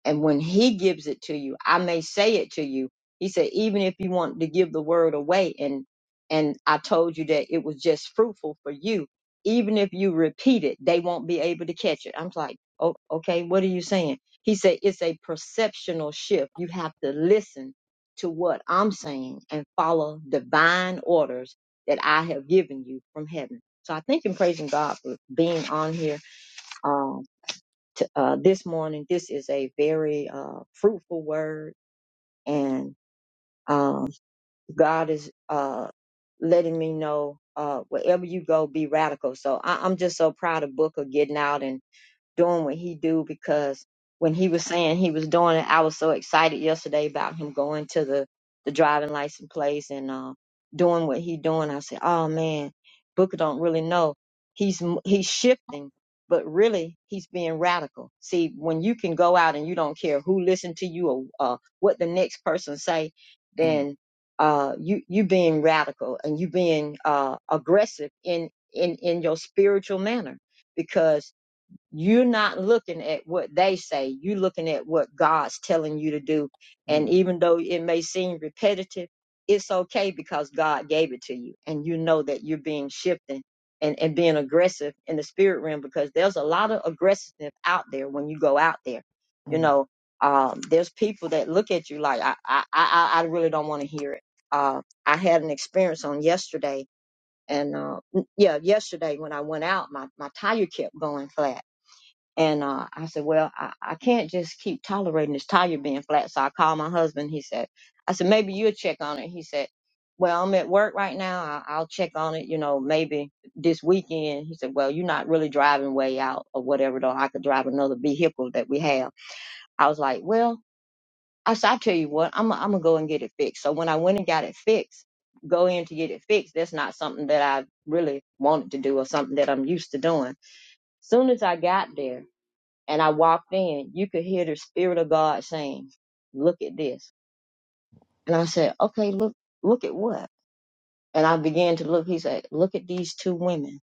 [SPEAKER 6] and when he gives it to you, I may say it to you. He said, even if you want to give the word away, and and I told you that it was just fruitful for you, even if you repeat it, they won't be able to catch it. I'm like, oh, okay, what are you saying? He said, it's a perceptional shift. You have to listen to what I'm saying and follow divine orders that I have given you from heaven. So I thank and praising God for being on here. Um, t- uh, this morning. This is a very uh, fruitful word, and um, God is uh, letting me know uh, wherever you go, be radical. So I, I'm just so proud of Booker getting out and doing what he do because when he was saying he was doing it, I was so excited yesterday about him going to the the driving license place and uh, doing what he doing. I said, "Oh man, Booker don't really know. He's m- he's shifting, but really he's being radical. See, when you can go out and you don't care who listen to you or uh, what the next person say,
[SPEAKER 4] Mm,
[SPEAKER 6] then uh, you you being radical and you being uh, aggressive in in in your spiritual manner because." You're not looking at what they say. You're looking at what God's telling you to do. And
[SPEAKER 4] mm,
[SPEAKER 6] even though it may seem repetitive, it's okay because God gave it to you. And you know that you're being shifting and, and being aggressive in the spirit realm because there's a lot of aggressiveness out there when you go out there. You
[SPEAKER 4] mm.
[SPEAKER 6] know, um, there's people that look at you like, I, I, I, I really don't want to hear it. Uh, I had an experience on yesterday and, uh, yeah, yesterday when I went out, my, my tire kept going flat and uh, I said, well, I, I can't just keep tolerating this tire being flat. So I called my husband. He said, I said, maybe you'll check on it. He said, well, I'm at work right now. I, I'll check on it, you know, maybe this weekend. He said, well, you're not really driving way out or whatever, though. I could drive another vehicle that we have. I was like, well, I said, I tell you what, I'm, I'm going to go and get it fixed. So when I went and got it fixed, go in to get it fixed, that's not something that I really wanted to do or something that I'm used to doing. Soon as I got there, and I walked in, you could hear the spirit of God saying, "Look at this." And I said, "Okay, look, look at what?" And I began to look. He said, "Look at these two women."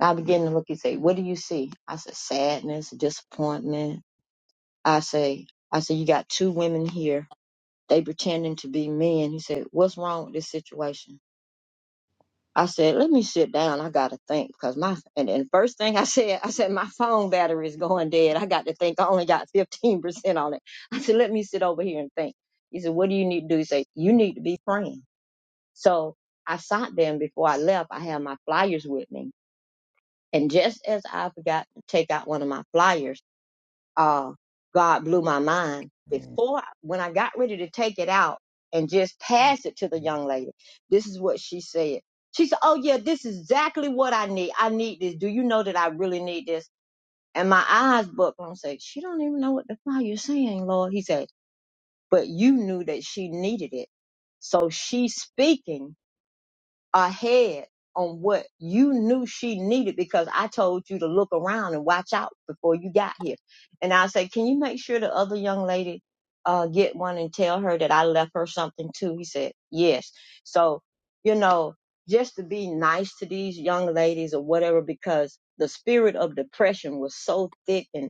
[SPEAKER 6] I began to look. He said, "What do you see?" I said, "Sadness, disappointment." I say, "I said you got two women here. They pretending to be men." He said, "What's wrong with this situation?" I said, let me sit down. I got to think because my, and then first thing I said, I said, my phone battery is going dead. I got to think. I only got 15% on it. I said, let me sit over here and think. He said, what do you need to do? He said, you need to be praying. So I sat there and before I left, I had my flyers with me. And just as I forgot to take out one of my flyers, uh, God blew my mind
[SPEAKER 4] I
[SPEAKER 6] before when I got ready to take it out and just pass it to the young lady. This is what she said. She said, "Oh yeah, this is exactly what I need. I need this. Do you know that I really need this?" And my eyes buckled. I'm saying, "She don't even know what the fuck you're saying, Lord." He said, "But you knew that she needed it, so she's speaking." ahead on what you knew she needed because I told you to look around and watch out before you got here. And I said, can you make sure the other young lady uh, get one and tell her that I left her something too? He said, yes. So, you know, just to be nice to these young ladies or whatever, because the spirit of depression was so thick and.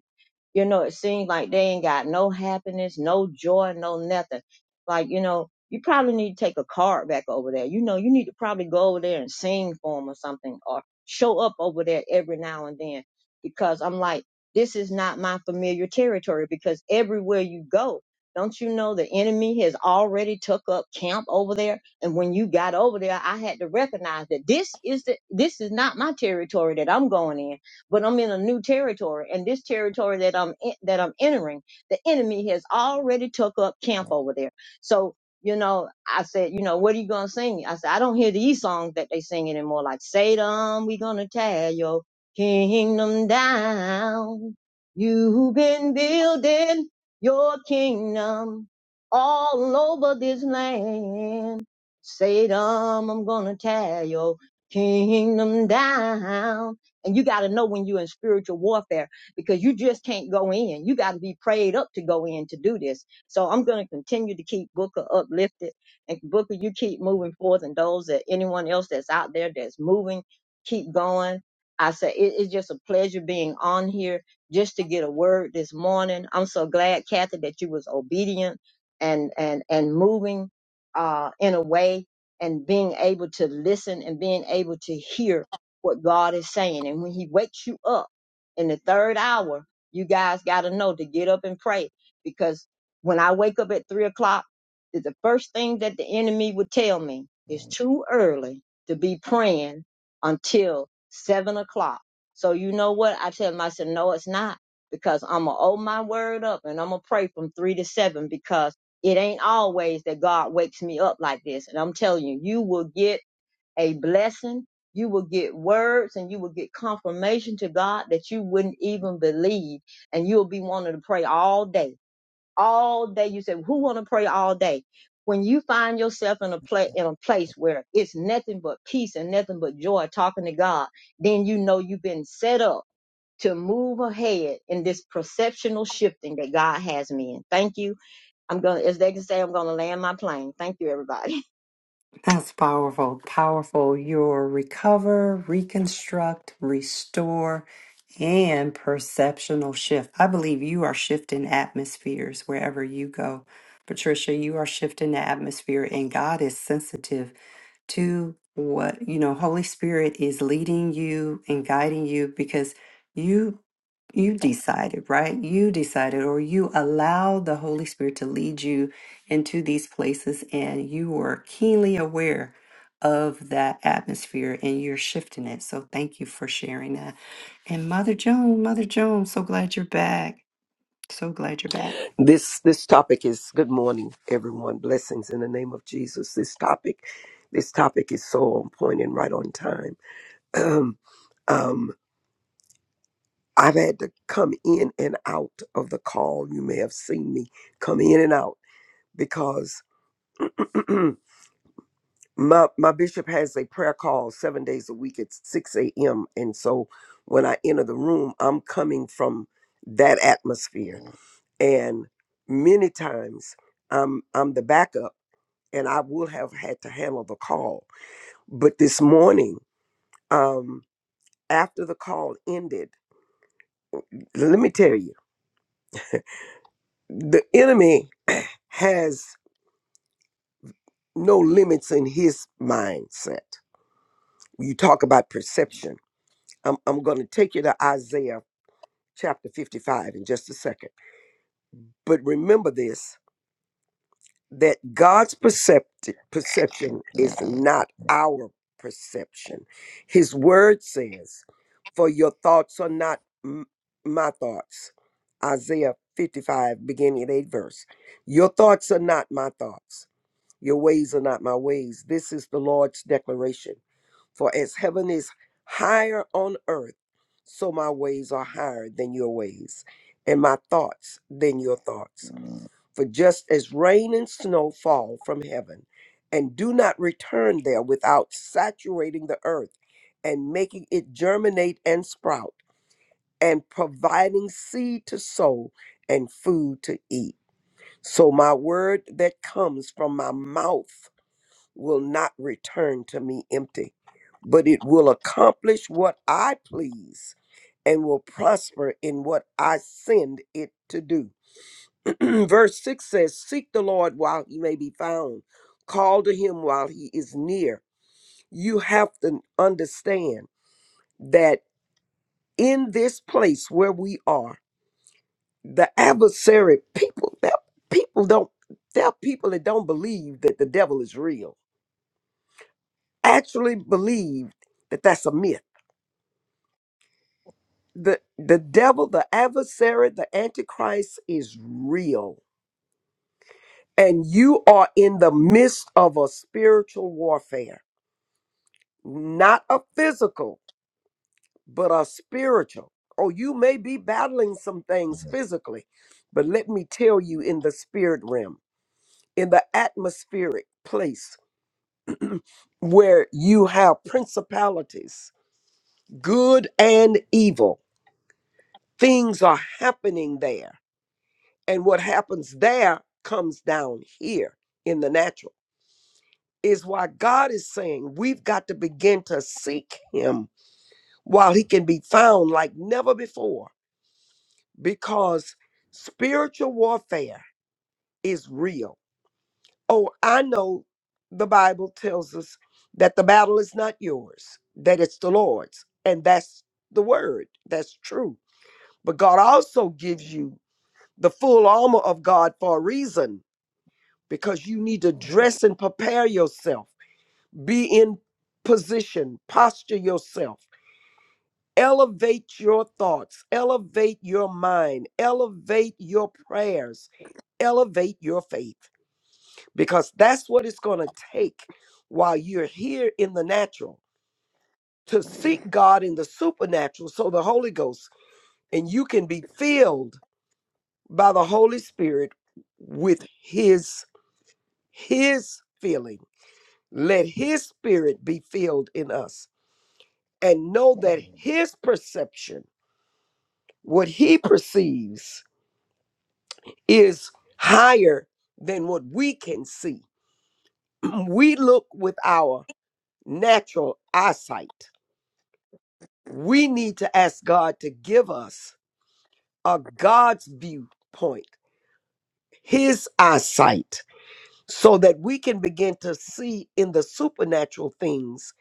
[SPEAKER 6] You know, it seems like they ain't got no happiness, no joy, no nothing. Like, you know, you probably need to take a card back over there. You know, you need to probably go over there and sing for them or something or show up over there every now and then because I'm like, this is not my familiar territory because everywhere you go, don't you know the enemy has already took up camp over there? And when you got over there, I had to recognize that this is the, this is not my territory that I'm going in but I'm in a new territory, and this territory that I'm in, that I'm entering, the enemy has already took up camp over there. So you know, I said, you know, what are you gonna sing? I said, I don't hear these songs that they sing anymore, like Satan, we gonna tear your kingdom down. You've been building your kingdom all over this land. Satan, I'm gonna tear your kingdom down. And you got to know when you're in spiritual warfare because you just can't go in. You got to be prayed up to go in to do this. So I'm going to continue to keep Booker uplifted. And Booker, you keep moving forth. And those that anyone else that's out there that's moving, keep going. I say it- it's just a pleasure being on here just to get a word this morning. I'm so glad, Kathy, that you was obedient and and and moving uh, in a way and being able to listen and being able to hear what God is saying. And when He wakes you up in the third hour, you guys got to know to get up and pray. Because when I wake up at three o'clock, th- the first thing that the enemy would tell me is too early to be praying until seven o'clock. So you know what? I tell him, I said, no, it's not because I'm going to owe my word up and I'm going to pray from three to seven because it ain't always that God wakes me up like this. And I'm telling you, you will get a blessing. You will get words and you will get confirmation to God that you wouldn't even believe. And you'll be wanting to pray all day. All day. You say, who want to pray all day? When you find yourself in a place in a place where it's nothing but peace and nothing but joy talking to God, then you know you've been set up to move ahead in this perceptional shifting that God has me in. Thank you. I'm gonna as they can say, I'm gonna land my plane. Thank you, everybody.
[SPEAKER 1] That's powerful. Powerful. Your recover, reconstruct, restore, and perceptional shift. I believe you are shifting atmospheres wherever you go. Patricia, you are shifting the atmosphere, and God is sensitive to what, you know, Holy Spirit is leading you and guiding you because. you you decided, right? You decided, or you allowed the Holy Spirit to lead you into these places, and you were keenly aware of that atmosphere and you're shifting it. So, thank you for sharing that. And Mother Joan, Mother Joan, so glad you're back. So glad you're back.
[SPEAKER 7] this this topic is good morning everyone blessings in the name of jesus this topic this topic is so on point and right on time um, um i've had to come in and out of the call you may have seen me come in and out because my my bishop has a prayer call seven days a week at 6 a.m and so when i enter the room i'm coming from that atmosphere and many times i'm i'm the backup and I would have had to handle the call. But this morning, um, after the call ended, let me tell you, the enemy has no limits in his mindset. You talk about perception. I'm, I'm going to take you to Isaiah chapter 55 in just a second. But remember this that God's percepti- perception is not our perception. His word says, For your thoughts are not m- my thoughts. Isaiah 55, beginning at 8 verse. Your thoughts are not my thoughts. Your ways are not my ways. This is the Lord's declaration. For as heaven is higher on earth, so my ways are higher than your ways, and my thoughts than your thoughts. For just as rain and snow fall from heaven and do not return there without saturating the earth and making it germinate and sprout and providing seed to sow and food to eat, so my word that comes from my mouth will not return to me empty, but it will accomplish what I please and will prosper in what I send it to do. Verse 6 says, Seek the Lord while he may be found, call to him while he is near. You have to understand that in this place where we are, the adversary people, that people don't, there are people that don't believe that the devil is real, actually believe that that's a myth. The, the devil, the adversary, the antichrist is real. And you are in the midst of a spiritual warfare not a physical, but a spiritual. Oh, you may be battling some things physically, but let me tell you in the spirit realm, in the atmospheric place where you have principalities, good and evil, things are happening there. And what happens there comes down here in the natural. Is why God is saying we've got to begin to seek Him while He can be found like never before because spiritual warfare is real. Oh, I know the Bible tells us that the battle is not yours, that it's the Lord's. And that's the word, that's true. But God also gives you the full armor of God for a reason because you need to dress and prepare yourself, be in position, posture yourself. Elevate your thoughts, elevate your mind, elevate your prayers, elevate your faith because that's what it's going to take while you're here in the natural to seek God in the supernatural so the Holy Ghost and you can be filled by the Holy Spirit with his his feeling let his spirit be filled in us and know that his perception what he perceives is higher than what we can see we look with our natural eyesight. We need to ask God to give us a God's viewpoint, His eyesight, so that we can begin to see in the supernatural things,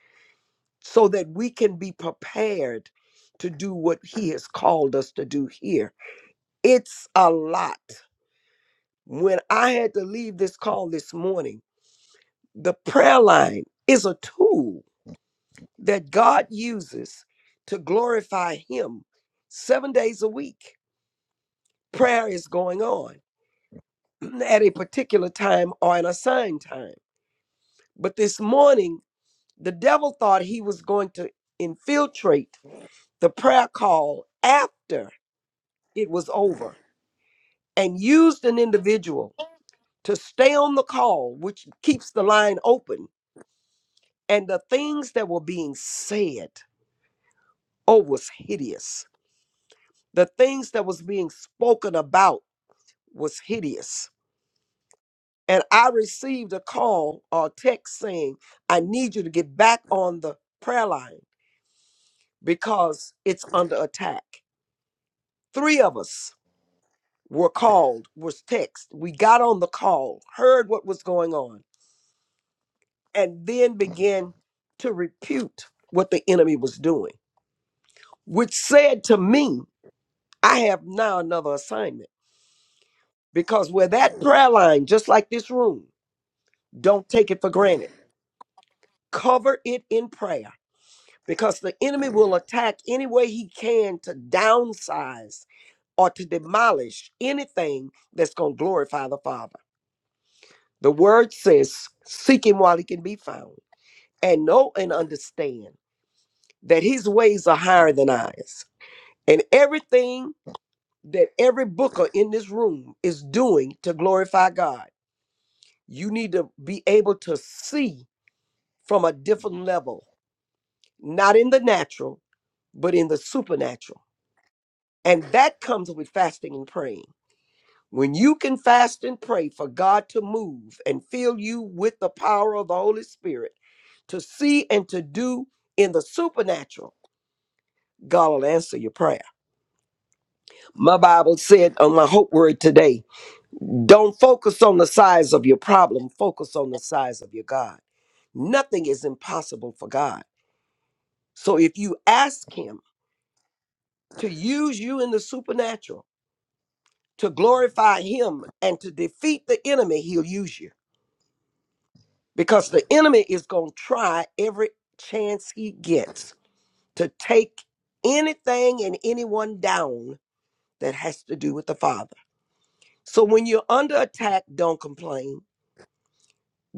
[SPEAKER 7] so that we can be prepared to do what He has called us to do here. It's a lot. When I had to leave this call this morning, the prayer line is a tool that God uses to glorify Him seven days a week. Prayer is going on at a particular time or an assigned time. But this morning, the devil thought he was going to infiltrate the prayer call after it was over and used an individual to stay on the call, which keeps the line open. And the things that were being said, oh, was hideous. The things that was being spoken about was hideous. And I received a call or text saying, I need you to get back on the prayer line because it's under attack. Three of us were called, was text. We got on the call, heard what was going on, and then began to repute what the enemy was doing, which said to me, I have now another assignment because where that prayer line, just like this room, don't take it for granted. Cover it in prayer because the enemy will attack any way he can to downsize or to demolish anything that's going to glorify the Father. The word says, seek him while he can be found, and know and understand that his ways are higher than ours. And everything that every booker in this room is doing to glorify God, you need to be able to see from a different level, not in the natural, but in the supernatural And that comes with fasting and praying. When you can fast and pray for God to move and fill you with the power of the Holy Spirit to see and to do in the supernatural, God will answer your prayer. My Bible said on my hope word today don't focus on the size of your problem, focus on the size of your God. Nothing is impossible for God. So if you ask Him to use you in the supernatural, to glorify Him and to defeat the enemy, He'll use you. because the enemy is going to try every chance he gets to take anything and anyone down that has to do with the Father. So when you're under attack, don't complain.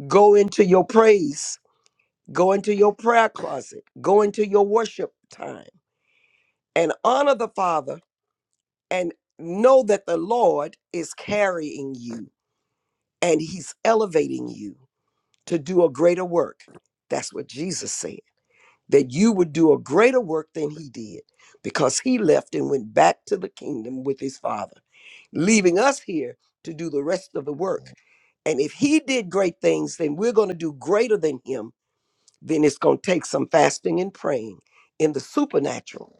[SPEAKER 7] Go into your praise, go into your prayer closet, go into your worship time, and honor the Father and know that the Lord is carrying you and he's elevating you to do a greater work. That's what Jesus said. that you would do a greater work than he did because he left and went back to the kingdom with his father, leaving us here to do the rest of the work. And if he did great things, then we're going to do greater than him. Then it's going to take some fasting and praying in the supernatural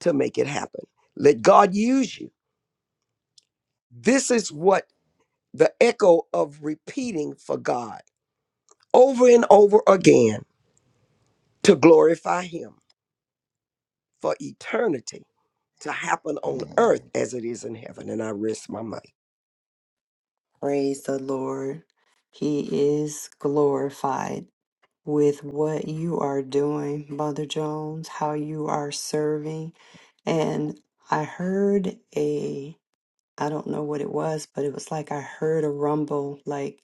[SPEAKER 7] to make it happen. Let God use you. This is what the echo of repeating for God over and over again to glorify him for eternity to happen on earth as it is in heaven. And I rest my mind.
[SPEAKER 1] Praise the Lord. He is glorified with what you are doing, Mother Jones, how you are serving. And I heard a I don't know what it was, but it was like I heard a rumble, like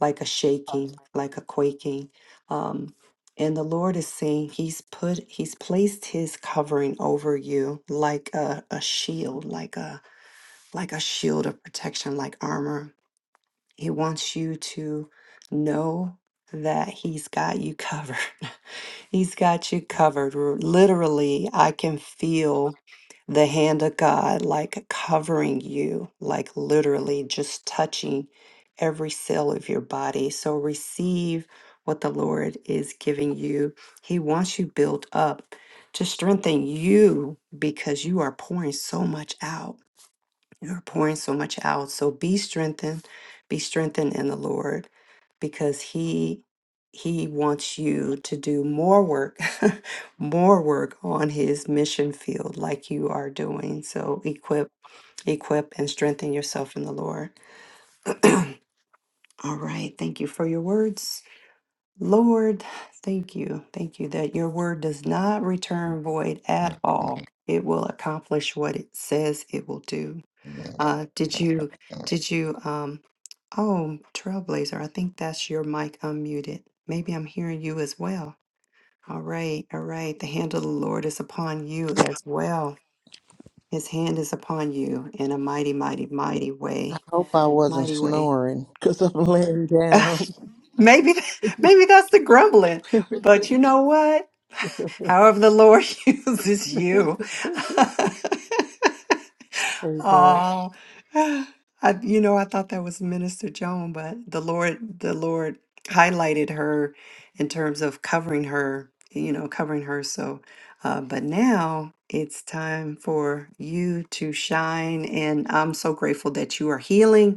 [SPEAKER 1] like a shaking, like a quaking. Um, and the Lord is saying He's put He's placed His covering over you like a, a shield, like a like a shield of protection, like armor. He wants you to know that He's got you covered. He's got you covered. R- Literally, I can feel the hand of God like covering you, like literally just touching every cell of your body. So receive what the Lord is giving you. He wants you built up to strengthen you because you are pouring so much out. You're pouring so much out. So be strengthened, be strengthened in the Lord because he he wants you to do more work, more work on his mission field like you are doing. So equip, equip and strengthen yourself in the Lord. All right, thank you for your words. Lord, thank you. Thank you that your word does not return void at all. It will accomplish what it says it will do. Uh, did you, did you, um, oh, Trailblazer, I think that's your mic unmuted. Maybe I'm hearing you as well. All right, all right. The hand of the Lord is upon you as well. His hand is upon you in a mighty, mighty, mighty way.
[SPEAKER 4] hope I wasn't
[SPEAKER 1] Mighty way.
[SPEAKER 4] snoring because I'm laying down.
[SPEAKER 1] Maybe, maybe that's the grumbling. But you know what? However the Lord uses you.
[SPEAKER 4] Amen.
[SPEAKER 1] oh, I, you know, I thought that was Minister Joan, but the Lord, the Lord highlighted her in terms of covering her, you know, covering her. So, uh, but now it's time for you to shine. And I'm so grateful that you are healing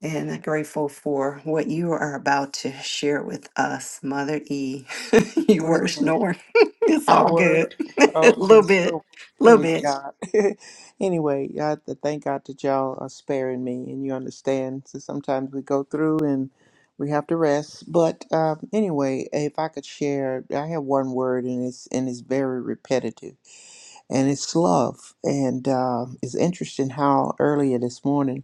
[SPEAKER 1] and I'm grateful for what you are about to share with us, Mother E. you were
[SPEAKER 4] Amen.
[SPEAKER 1] snoring. it's
[SPEAKER 4] I
[SPEAKER 1] all
[SPEAKER 4] were.
[SPEAKER 1] good. A
[SPEAKER 4] Okay.
[SPEAKER 1] little bit,
[SPEAKER 4] Oh,
[SPEAKER 1] A little
[SPEAKER 4] praise
[SPEAKER 1] bit.
[SPEAKER 4] God. anyway, I have to thank God that y'all are sparing me and you understand. So sometimes we go through and we have to rest. But um, anyway, if I could share, I have one word and it's and it's very repetitive and it's love. And um it's interesting how earlier this morning.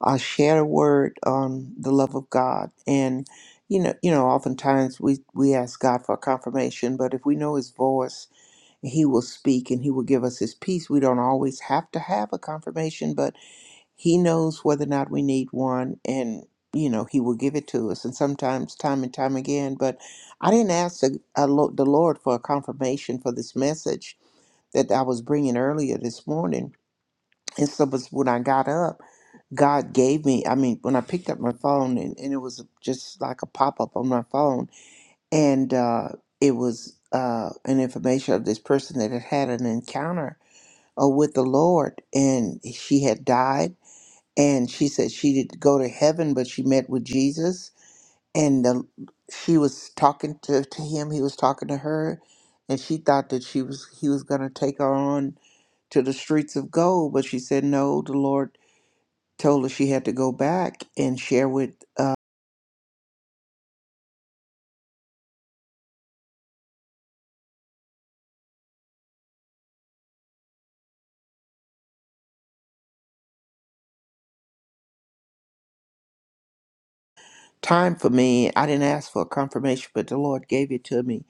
[SPEAKER 4] uh, share a word on the love of God. And you know, you know, oftentimes we we ask God for confirmation, but if we know His voice, He will speak and He will give us His peace. We don't always have to have a confirmation, but He knows whether or not we need one, and you know, He will give it to us. And sometimes, time and time again. But I didn't ask the, uh, lo- the Lord for a confirmation for this message that I was bringing earlier this morning. And so, but when I got up. God gave me. I mean, when I picked up my phone and, and it was just like a pop up on my phone, and uh, it was uh, an information of this person that had had an encounter uh, with the Lord, and she had died, and she said she did go to heaven, but she met with Jesus, and the, she was talking to, to him. He was talking to her, and she thought that she was he was going to take her on to the streets of gold, but she said no. The Lord told her she had to go back and share with uh, time for me. I didn't ask for a confirmation, but the Lord gave it to me.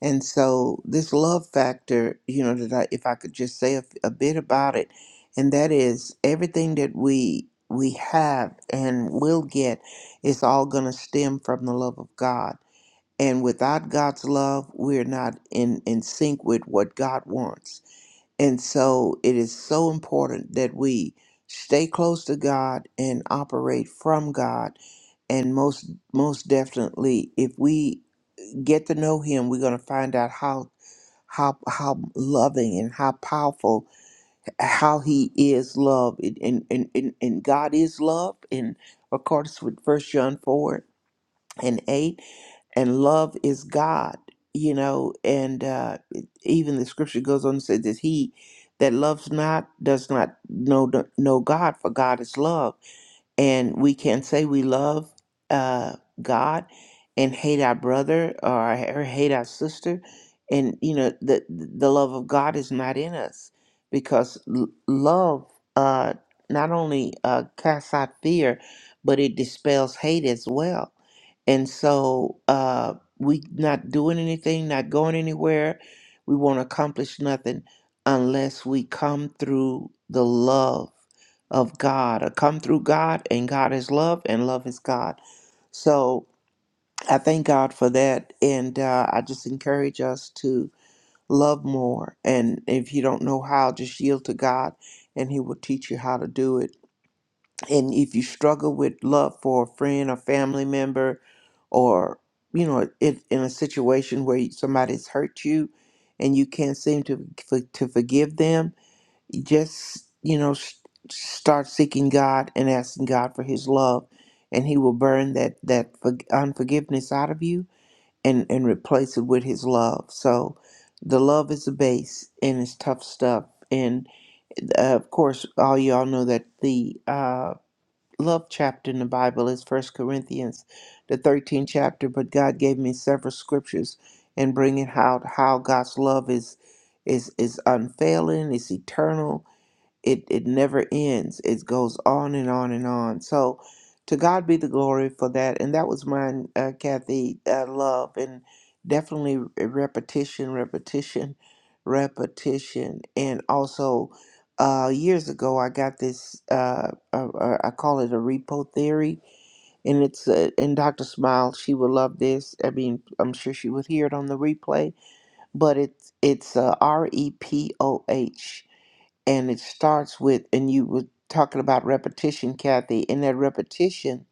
[SPEAKER 4] And so this love factor, you know, that I, if I could just say a, a bit about it, and that is everything that we we have and will get is all going to stem from the love of God. And without God's love, we're not in, in sync with what God wants. And so it is so important that we stay close to God and operate from God. And most most definitely, if we get to know Him, we're going to find out how how how loving and how powerful how He is love. And and and, and and God is love. In accordance with First John four and eight and love is God, you know, and uh, even the scripture goes on to say that he that loves not does not know know God, for God is love and we can say we love uh, God and hate our brother or, or hate our sister, and you know the the love of God is not in us because l- love uh, not only uh, casts out fear, but it dispels hate as well. And so uh, we not doing anything, not going anywhere. We won't accomplish nothing unless we come through the love of God or come through God, and God is love, and love is God. So I thank God for that, and uh, I just encourage us to love more. And if you don't know how, just yield to God, and He will teach you how to do it. And if you struggle with love for a friend or family member, or you know, if in a situation where somebody's hurt you, and you can't seem to for, to forgive them, just you know s start seeking god and asking god for his love and he will burn that that for, unforgiveness out of you and and replace it with his love so the love is the base and it's tough stuff and uh, of course all y'all know that the uh love chapter in the bible is first corinthians the 13th chapter but god gave me several scriptures and bringing out how god's love is is is unfailing it's eternal it it never ends it goes on and on and on so to god be the glory for that and that was mine uh, kathy uh, love and definitely repetition repetition repetition and also uh, years ago i got this uh, uh, uh, i call it a repo theory and it's uh, and dr smile she would love this i mean i'm sure she would hear it on the replay but it's it's uh, r-e-p-o-h and it starts with and you were talking about repetition kathy and that repetition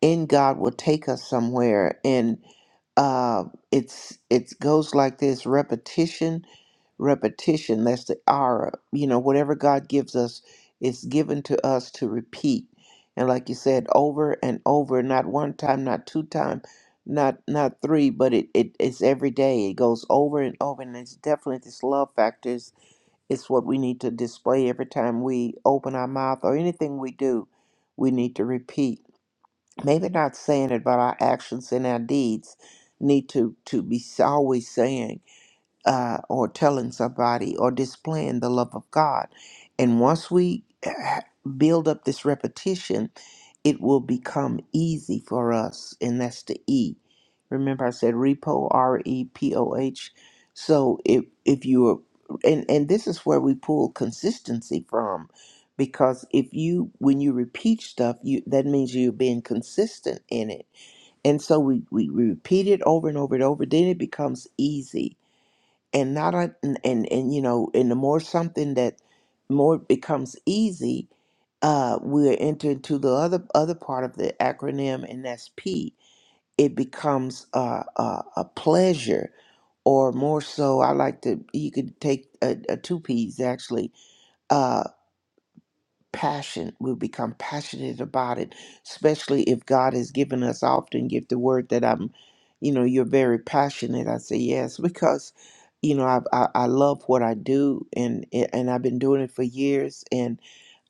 [SPEAKER 4] in god will take us somewhere and uh it's it goes like this repetition repetition that's the aura you know whatever god gives us it's given to us to repeat and like you said over and over not one time not two time not not three but it, it it's every day it goes over and over and it's definitely this love factor it's what we need to display every time we open our mouth or anything we do, we need to repeat. Maybe not saying it, but our actions and our deeds need to, to be always saying uh, or telling somebody or displaying the love of God. And once we uh, build up this repetition, it will become easy for us. And that's the E. Remember, I said repo, R E P O H. So if, if you are, and, and this is where we pull consistency from because if you when you repeat stuff you that means you're being consistent in it and so we, we, we repeat it over and over and over then it becomes easy and not a, and, and and you know and the more something that more it becomes easy uh, we're entering to the other other part of the acronym, and that's P. It becomes uh, a, a pleasure, or more so, I like to. You could take a, a two P's actually. Uh, passion. We become passionate about it, especially if God has given us I often give the word that I'm, you know, you're very passionate. I say yes because, you know, I I, I love what I do and and I've been doing it for years and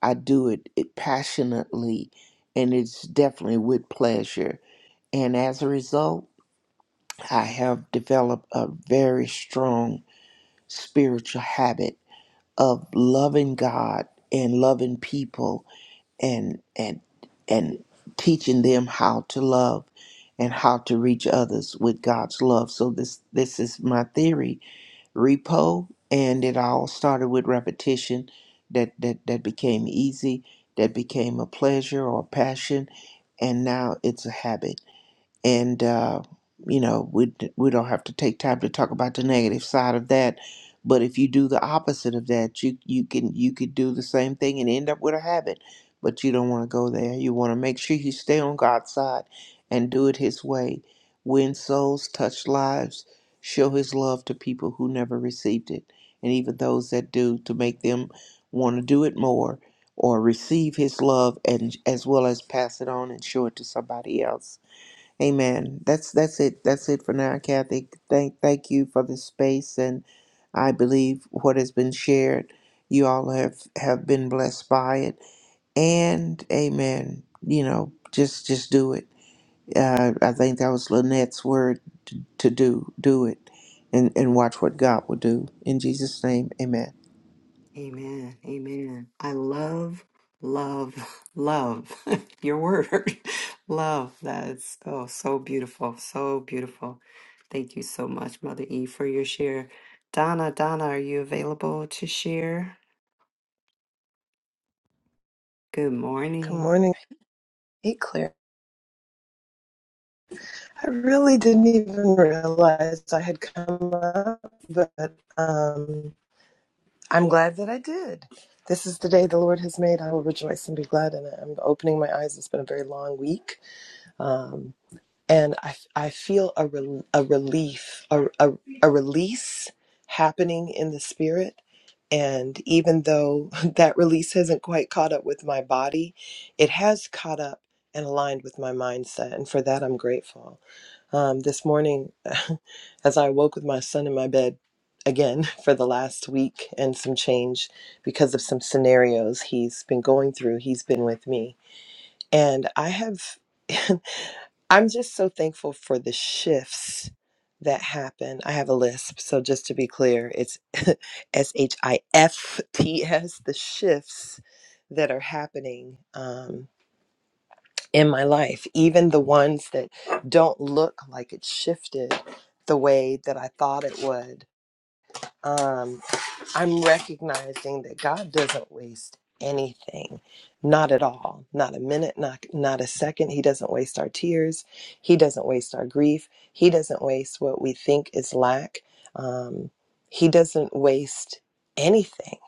[SPEAKER 4] I do it, it passionately and it's definitely with pleasure. And as a result, I have developed a very strong spiritual habit of loving God and loving people and and and teaching them how to love and how to reach others with God's love. So this this is my theory, repo, and it all started with repetition that that that became easy, that became a pleasure or a passion, and now it's a habit and uh, you know we we don't have to take time to talk about the negative side of that but if you do the opposite of that you you can you could do the same thing and end up with a habit but you don't want to go there you want to make sure you stay on god's side and do it his way win souls touch lives show his love to people who never received it and even those that do to make them want to do it more or receive his love and as well as pass it on and show it to somebody else Amen. That's that's it. That's it for now, Kathy. Thank thank you for this space, and I believe what has been shared, you all have have been blessed by it. And Amen. You know, just just do it. Uh, I think that was Lynette's word to, to do do it, and and watch what God will do in Jesus' name. Amen.
[SPEAKER 1] Amen. Amen. I love, love, love your word. love. That's oh so beautiful. So beautiful. Thank you so much, Mother E, for your share. Donna, Donna, are you available to share? Good
[SPEAKER 8] Good
[SPEAKER 1] morning.
[SPEAKER 8] morning. Hey, clear. I really didn't even realize I had come up, but um, I'm glad that I did. This is the day the Lord has made. I will rejoice and be glad in it. I'm opening my eyes. It's been a very long week. Um, and I I feel a, rel a relief, a, a, a release happening in the spirit. And even though that release hasn't quite caught up with my body, it has caught up and aligned with my mindset. And for that, I'm grateful. Um, this morning, as I woke with my son in my bed again for the last week and some change because of some scenarios he's been going through, he's been with me. And I have. I'm just so thankful for the shifts that happen. I have a lisp, so just to be clear, it's S H I F T S, the shifts that are happening um, in my life, even the ones that don't look like it shifted the way that I thought it would. Um, I'm recognizing that God doesn't waste anything, not at all, not a minute, not not a second. He doesn't waste our tears. He doesn't waste our grief. He doesn't waste what we think is lack. Um, he doesn't waste anything.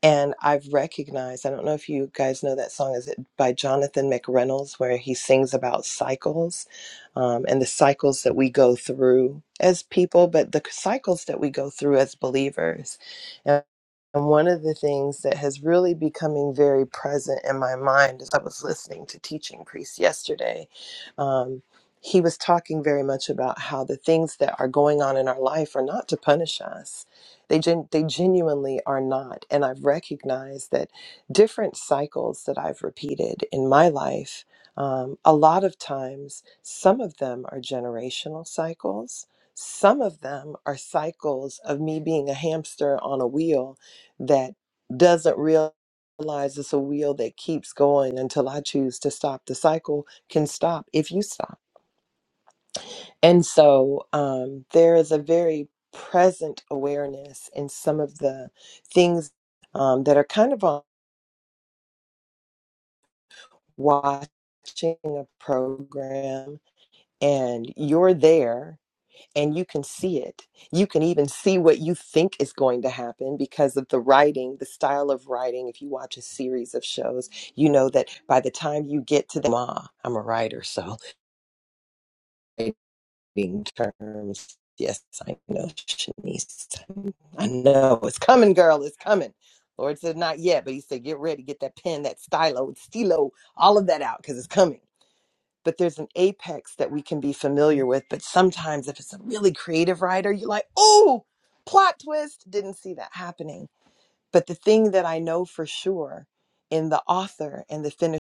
[SPEAKER 8] And I've recognized, I don't know if you guys know that song, is it by Jonathan McReynolds, where he sings about cycles um, and the cycles that we go through as people, but the cycles that we go through as believers. And one of the things that has really becoming very present in my mind as I was listening to Teaching Priest yesterday, um, he was talking very much about how the things that are going on in our life are not to punish us. They, gen- they genuinely are not. And I've recognized that different cycles that I've repeated in my life, um, a lot of times, some of them are generational cycles. Some of them are cycles of me being a hamster on a wheel that doesn't realize it's a wheel that keeps going until I choose to stop. The cycle can stop if you stop. And so um, there is a very present awareness in some of the things um, that are kind of on watching a program and you're there and you can see it. You can even see what you think is going to happen because of the writing, the style of writing. If you watch a series of shows, you know that by the time you get to the ma, I'm a writer, so writing terms. Yes, I know, Shanice. I know it's coming, girl. It's coming. Lord said not yet, but He said get ready, get that pen, that stylo, stilo, all of that out because it's coming but there's an apex that we can be familiar with. But sometimes, if it's a really creative writer, you're like, oh, plot twist, didn't see that happening. But the thing that I know for sure in the author and the finish,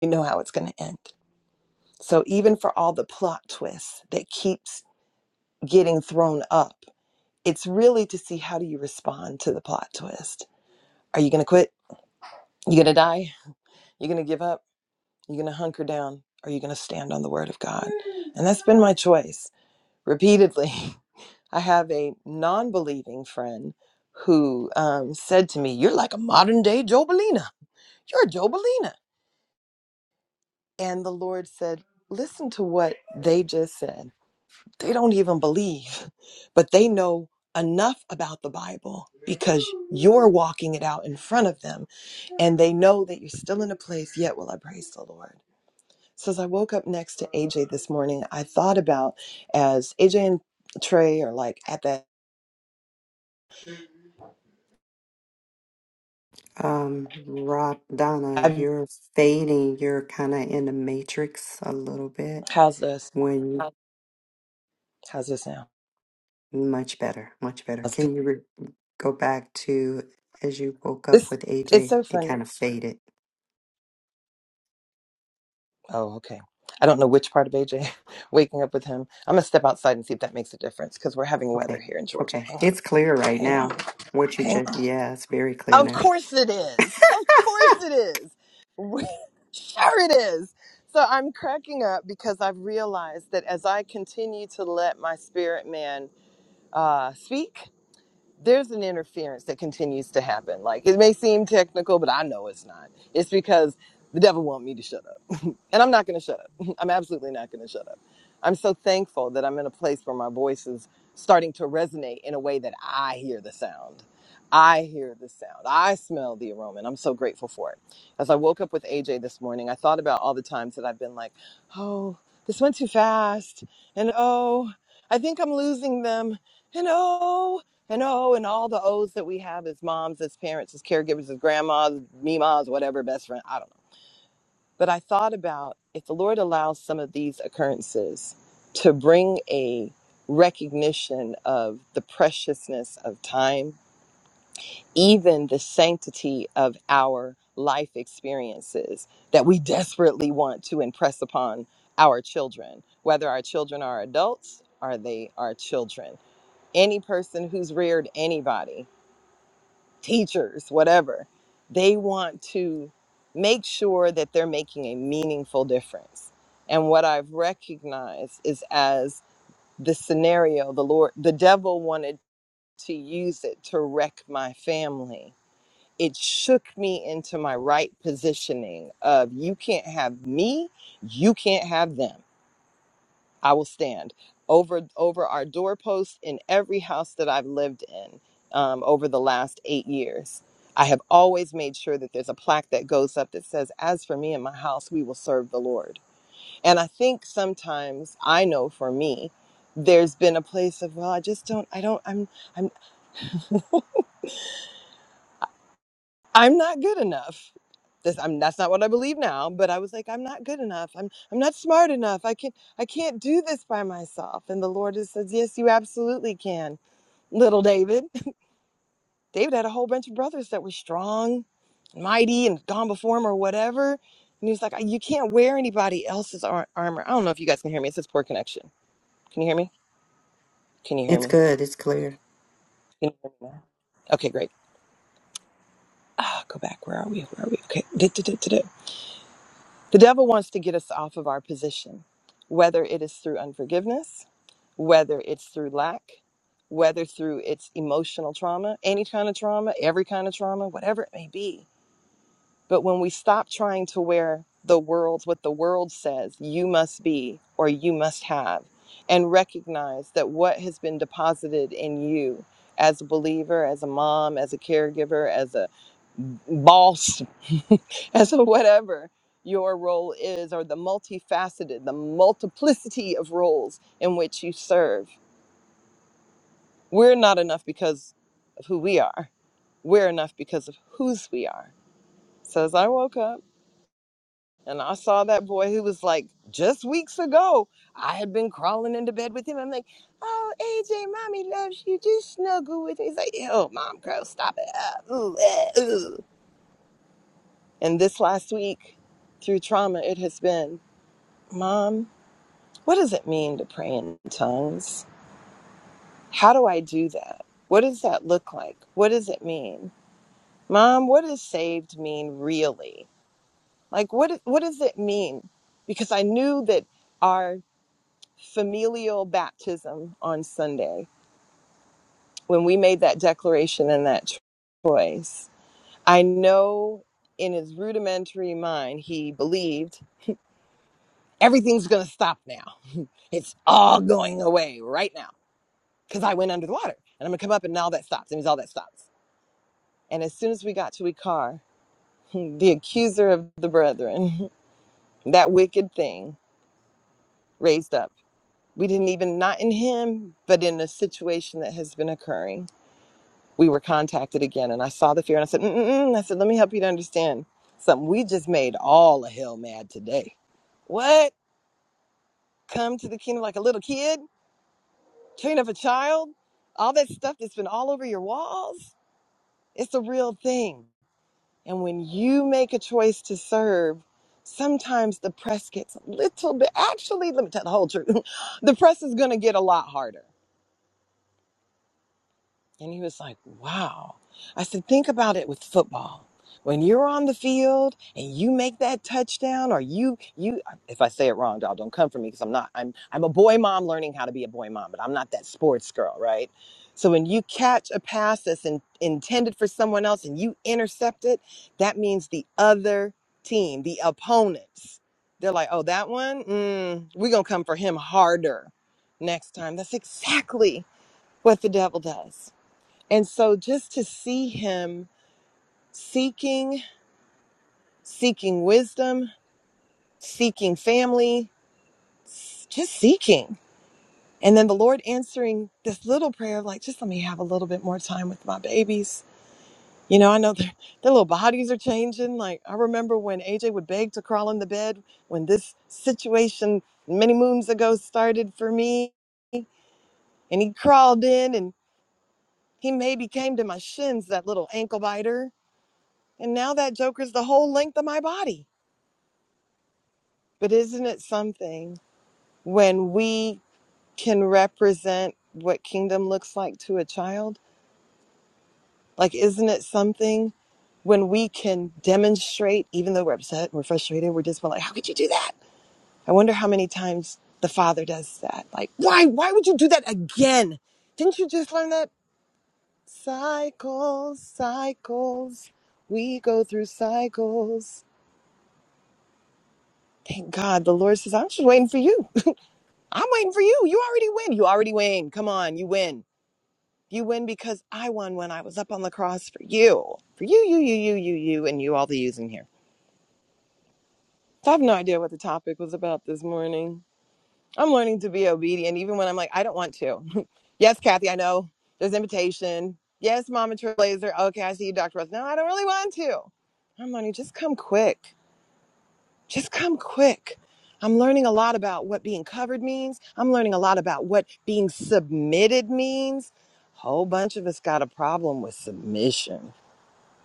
[SPEAKER 8] you know how it's going to end. So even for all the plot twists that keeps getting thrown up, it's really to see how do you respond to the plot twist. Are you going to quit? You going to die? You going to give up? You going to hunker down? Are you going to stand on the word of God? And that's been my choice repeatedly I have a non believing friend who um, said to me, You're like a modern day Jobelina. You're a Jobelina. And the Lord said, Listen to what they just said. They don't even believe, but they know enough about the Bible because you're walking it out in front of them and they know that you're still in a place yet will I praise the Lord. So as I woke up next to AJ this morning, I thought about as AJ and Trey are like at that
[SPEAKER 1] Um, Donna, you're fading. You're kind of in the matrix a little bit.
[SPEAKER 8] how's this?
[SPEAKER 1] When Oh,
[SPEAKER 8] How's this now?
[SPEAKER 1] much better, much better.
[SPEAKER 8] I'll say
[SPEAKER 1] Can you re go back to as you woke up
[SPEAKER 8] This
[SPEAKER 1] with
[SPEAKER 8] it's
[SPEAKER 1] AJ?
[SPEAKER 8] so
[SPEAKER 1] It
[SPEAKER 8] funny.
[SPEAKER 1] kind of faded.
[SPEAKER 8] Oh, okay. I don't know which part of AJ waking up with him. I'm gonna step outside and see if that makes a difference because we're having weather
[SPEAKER 1] Okay,
[SPEAKER 8] here in Georgia.
[SPEAKER 1] okay.
[SPEAKER 8] Hang on,
[SPEAKER 1] It's clear right
[SPEAKER 8] hang on,
[SPEAKER 1] now. What you
[SPEAKER 8] hang
[SPEAKER 1] just,
[SPEAKER 8] on.
[SPEAKER 1] yeah, it's very clear
[SPEAKER 8] Of
[SPEAKER 1] now.
[SPEAKER 8] course it is. Of course it is. We- sure it is. So I'm cracking up because I've realized that as I continue to let my spirit man uh, speak, there's an interference that continues to happen. Like it may seem technical, but I know it's not. It's because the devil want me to shut up And I'm not going to shut up. I'm absolutely not going to shut up. I'm so thankful that I'm in a place where my voice is starting to resonate in a way that I hear the sound. I hear the sound. I smell the aroma, and I'm so grateful for it. As I woke up with AJ this morning, I thought about all the times that I've been like, oh, this went too fast, and oh, I think I'm losing them, and oh, and oh, and all the O's that we have as moms, as parents, as caregivers, as grandmas, memas, whatever, best friend. I don't know but I thought about if the Lord allows some of these occurrences to bring a recognition of the preciousness of time, even the sanctity of our life experiences that we desperately want to impress upon our children, whether our children are adults or they are children. Any person who's reared anybody teachers, whatever, they want to make sure that they're making a meaningful difference. And what I've recognized is as the scenario, the Lord, the devil wanted to use it to wreck my family. It shook me into my right positioning of you can't have me, you can't have them I will stand over over our doorposts in every house that I've lived in um, over the last eight years. I have always made sure that there's a plaque that goes up that says, "As for me and my house, we will serve the Lord." And I think sometimes I know for me, there's been a place of, well, I just don't, I don't, I'm, I'm, I'm not good enough. This, I'm, that's not what I believe now, but I was like, I'm not good enough. I'm, I'm not smart enough. I can't, I can't do this by myself. And the Lord has said, Yes, you absolutely can little David. David had a whole bunch of brothers that were strong, mighty, and gone before him or whatever. And he's like, You can't wear anybody else's ar- armor. I don't know if you guys can hear me. It says poor connection. Can you hear me? Can you hear
[SPEAKER 1] It's
[SPEAKER 8] me?
[SPEAKER 1] good. It's clear.
[SPEAKER 8] Can you hear me now? Okay, great. Ah, go back. Where are we? Where are we? Okay. Du- du- du- du- du. The devil wants to get us off of our position, whether it is through unforgiveness, whether it's through lack, whether through its emotional trauma, any kind of trauma, every kind of trauma, whatever it may be But when we stop trying to wear the world's what the world says you must be or you must have, and recognize that what has been deposited in you as a believer, as a mom, as a caregiver, as a boss, as a whatever your role is, or the multifaceted, the multiplicity of roles in which you serve. We're not enough because of who we are. We're enough because of whose we are. So as I woke up, And I saw that boy who was like, just weeks ago, I had been crawling into bed with him. I'm like, oh, AJ, mommy loves you. Just snuggle with me. He's like, "Oh, mom, girl, stop it. Ah, ooh, eh, ooh. And this last week, through trauma, it has been, mom, what does it mean to pray in tongues? How do I do that? What does that look like? What does it mean? Mom, what does saved mean really? Like, what, what does it mean? Because I knew that. our familial baptism on Sunday, when we made that declaration and that choice, I know in his rudimentary mind, he believed everything's going to stop now. It's all going away right now because I went under the water and I'm going to come up and all that stops. And it was all that stops. And as soon as we got to Ikar, the accuser of the brethren, that wicked thing raised up. We didn't even, not in him, but in a situation that has been occurring we were contacted again and I saw the fear and I said, Mm-mm-mm. I said, let me help you to understand something. We just made all of hell mad today. What? Come to the kingdom like a little kid? Train up a child? All that stuff that's been all over your walls? It's a real thing. And when you make a choice to serve, sometimes the press gets a little bit, actually, let me tell the whole truth. the press is going to get a lot harder And he was like, wow. I said, think about it with football. When you're on the field and you make that touchdown or you, you, if I say it wrong, y'all don't come for me because I'm not, I'm, I'm a boy mom learning how to be a boy mom, but I'm not that sports girl, right? So when you catch a pass that's in, intended for someone else and you intercept it, that means the other team, the opponents, they're like, oh, that one, mm, we're going to come for him harder next time. That's exactly what the devil does and so just to see him seeking, seeking wisdom, seeking family, just seeking. And then the Lord answering this little prayer of like, just let me have a little bit more time with my babies. You know, I know their, their little bodies are changing. Like, I remember when AJ would beg to crawl in the bed when this situation many moons ago started for me. And he crawled in and he maybe came to my shins, that little ankle biter And now that joker's the whole length of my body. But isn't it something when we can represent what kingdom looks like to a child? Like, isn't it something when we can demonstrate, even though we're upset, we're frustrated, we're just like, how could you do that? I wonder how many times the father does that. Like, why? Why would you do that again? Didn't you just learn that? Cycles, cycles. We go through cycles. Thank God the Lord says, I'm just waiting for you. I'm waiting for you. You already win. You already win. Come on, you win. You win because I won when I was up on the cross for you. For you, you, you, you, you, you, and you, all the yous in here. So I have no idea what the topic was about this morning. I'm learning to be obedient even when I'm like, I don't want to. yes, Kathy, I know. There's invitation. Yes, Mama Trailblazer. Okay, I see you, Dr. Rose. No, I don't really want to. I'm learning, just come quick. just come quick. I'm learning a lot about what being covered means. I'm learning a lot about what being submitted means. Whole bunch of us got a problem with submission.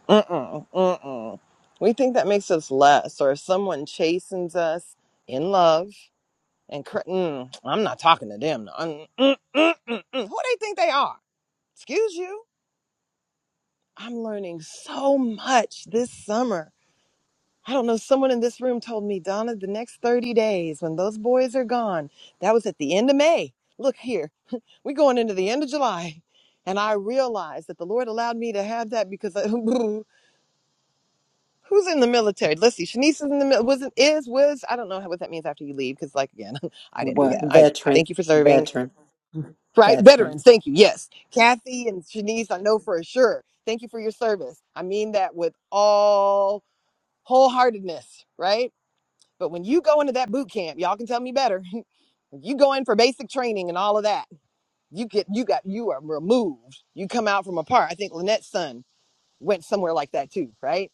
[SPEAKER 8] Mm-mm, mm-mm. We think that makes us less, or if someone chastens us in love and cr- mm, I'm not talking to them. Mm, mm, mm, mm, mm. Who they think they are? Excuse you. I'm learning so much this summer I don't know, someone in this room told me, Donna, the next 30 days when those boys are gone, that was at the end of May. Look here, we're going into the end of July. And I realized that the Lord allowed me to have that because I, who's in the military? Let's see, Shanice is in the military, wasn't, is, was, I don't know what that means after you leave because, like, again, I didn't do
[SPEAKER 1] What
[SPEAKER 8] that. I
[SPEAKER 1] veteran,
[SPEAKER 8] thank you for serving,
[SPEAKER 1] veteran,
[SPEAKER 8] right?
[SPEAKER 1] veteran.
[SPEAKER 8] Veterans, thank you, yes. Kathy and Shanice, I know for sure. Thank you for your service. I mean that with all wholeheartedness, right? But when you go into that boot camp, y'all can tell me better. If you go in for basic training and all of that. You get you got you are removed. You come out from apart. I think Lynette's son went somewhere like that too, right?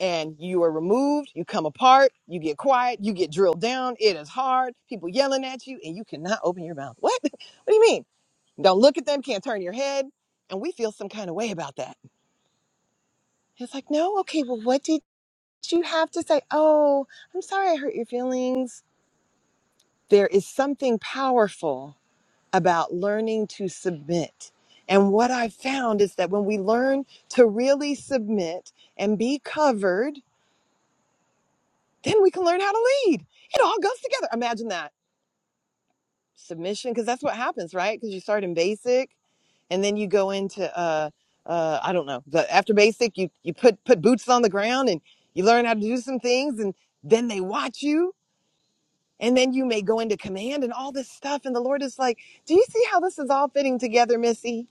[SPEAKER 8] And you are removed, you come apart, you get quiet, you get drilled down, it is hard, people yelling at you, and you cannot open your mouth. What? What do you mean? Don't look at them, can't turn your head. And we feel some kind of way about that. It's like, no, okay, well, what did you have to say? Oh, I'm sorry I hurt your feelings there is something powerful about learning to submit. And what I've found is that when we learn to really submit and be covered, then we can learn how to lead. It all goes together. Imagine that submission, because that's what happens, right? Because you start in basic, and then you go into uh, uh, I don't know. The, after basic, you you put put boots on the ground and you learn how to do some things, and then they watch you, and then you may go into command and all this stuff. And the Lord is like, Do you see how this is all fitting together, Missy?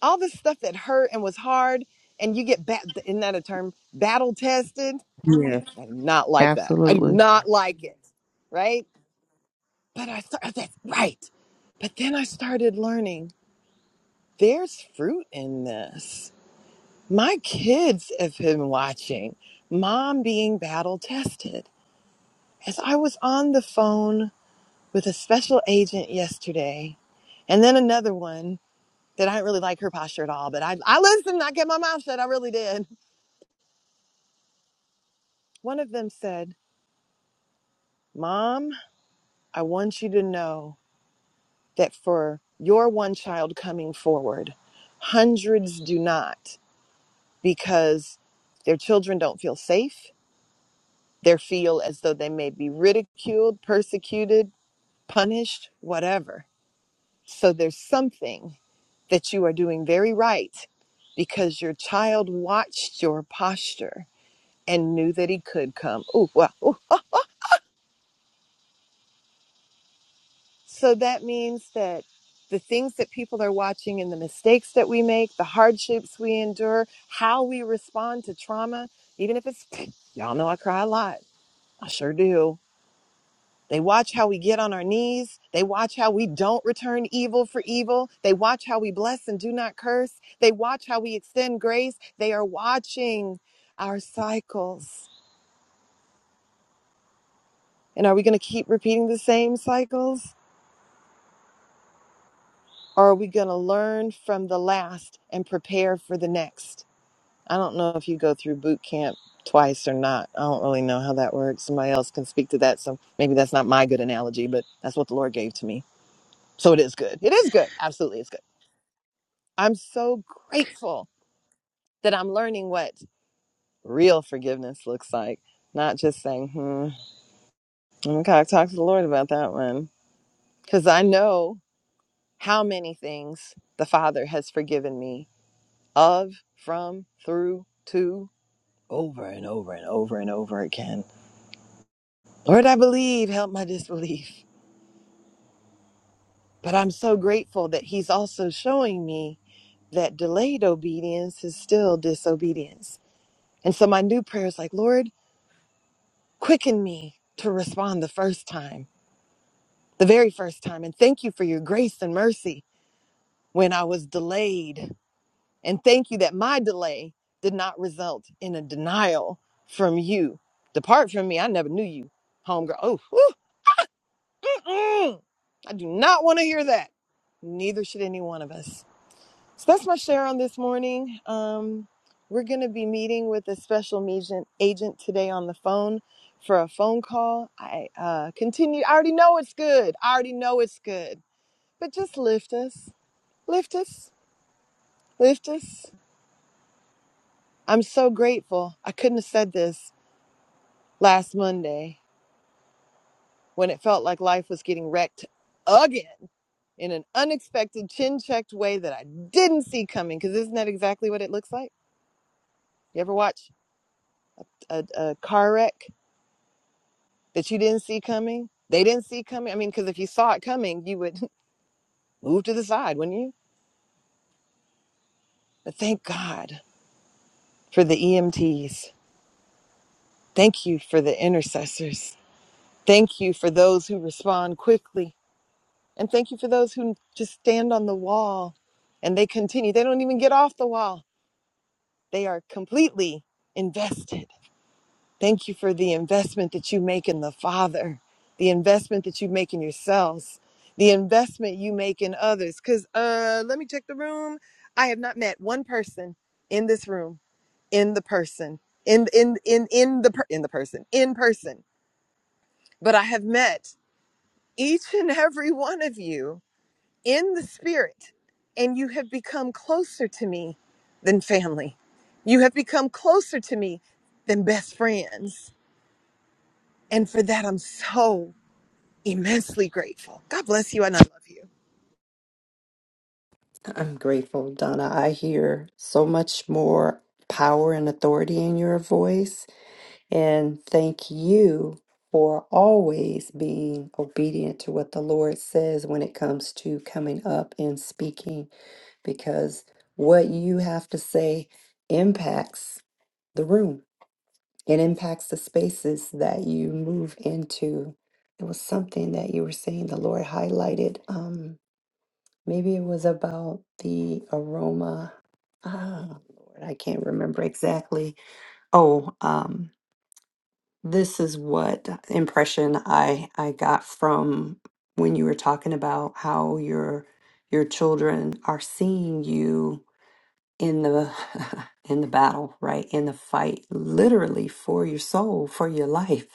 [SPEAKER 8] All this stuff that hurt and was hard, and you get bat isn't that a term? Battle tested.
[SPEAKER 4] Yes,
[SPEAKER 8] I do not like that. I do
[SPEAKER 4] absolutely.
[SPEAKER 8] not like it. Right? But I started that's right. But then I started learning there's fruit in this. My kids have been watching mom being battle tested. As I was on the phone with a special agent yesterday, and then another one that I didn't really like her posture at all, but I, I listened, I kept my mouth shut, I really did. One of them said, Mom, I want you to know that for your one child coming forward, hundreds do not because their children don't feel safe. They feel as though they may be ridiculed, persecuted, punished, whatever. So there's something that you are doing very right because your child watched your posture and knew that he could come. Ooh, well. So that means that the things that people are watching and the mistakes that we make, the hardships we endure, how we respond to trauma, even if it's, y'all know I cry a lot. I sure do. They watch how we get on our knees. They watch how we don't return evil for evil. They watch how we bless and do not curse. They watch how we extend grace. They are watching our cycles. And are we going to keep repeating the same cycles? Or are we going to learn from the last and prepare for the next? I don't know if you go through boot camp twice or not. I don't really know how that works. Somebody else can speak to that. So maybe that's not my good analogy, but that's what the Lord gave to me. So it is good. It is good. Absolutely, it's good. I'm so grateful that I'm learning what real forgiveness looks like, not just saying, hmm, okay, I gotta talk to the Lord about that one. Because I know how many things the Father has forgiven me of, from, through, to, over and over and over and over again. Lord, I believe, help my disbelief. But I'm so grateful that He's also showing me that delayed obedience is still disobedience. And so my new prayer is like, Lord, Quicken me to respond the first time, the very first time. And thank you for your grace and mercy when I was delayed. And thank you that my delay did not result in a denial from you. Depart from me. I never knew you, homegirl. Oh, whew, mm-mm. I do not want to hear that. Neither should any one of us. So that's my share on this morning. Um, we're going to be meeting with a special agent, agent today on the phone for a phone call. I uh, continue. I already know it's good. I already know it's good. But just lift us, lift us, lift us. I'm so grateful. I couldn't have said this last Monday when it felt like life was getting wrecked again in an unexpected, chin checked way that I didn't see coming. Because isn't that exactly what it looks like? You ever watch a, a car wreck? that you didn't see coming? They didn't see coming. I mean, because if you saw it coming, you would move to the side, wouldn't you? But thank God for the EMTs. Thank you for the intercessors. Thank you for those who respond quickly. And thank you for those who just stand on the wall and they continue. They don't even get off the wall, they are completely invested Thank you for the investment that you make in the Father, the investment that you make in yourselves, the investment you make in others. Because uh, let me check the room. I have not met one person in this room, in the person, in in in in the per- in the person, in person. But I have met each and every one of you in the spirit, and you have become closer to me than family. You have become closer to me than best friends And for that, I'm so immensely grateful. God bless you, and I love you.
[SPEAKER 1] I'm grateful, Donna. I hear so much more power and authority in your voice And thank you for always being obedient to what the Lord says when it comes to coming up and speaking, because what you have to say impacts the room. It impacts the spaces that you move into. It was something that you were saying the Lord highlighted. Um, maybe it was about the aroma. Ah, Lord, I can't remember exactly. Oh, um, this is what impression I I got from when you were talking about how your your children are seeing you in the in the battle, right? In the fight, literally for your soul, for your life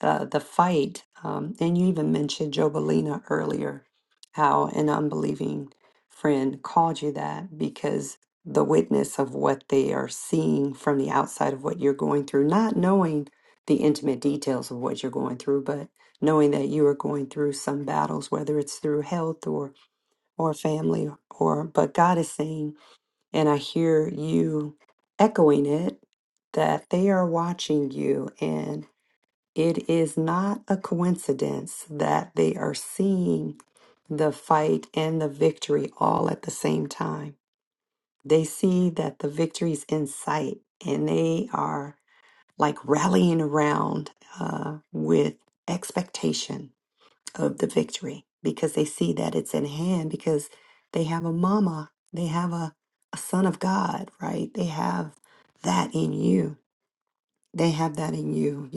[SPEAKER 1] the the fight. Um, and you even mentioned Jobalina earlier, how an unbelieving friend called you that because the witness of what they are seeing from the outside of what you're going through, not knowing the intimate details of what you're going through, but knowing that you are going through some battles, whether it's through health or or family or but God is saying, and I hear you echoing it, that they are watching you and. It is not a coincidence that they are seeing the fight and the victory all at the same time. They see that the victory's in sight and they are like rallying around uh, with expectation of the victory because they see that it's in hand because they have a mama, they have a, a son of God, right? They have that in you. They have that in you.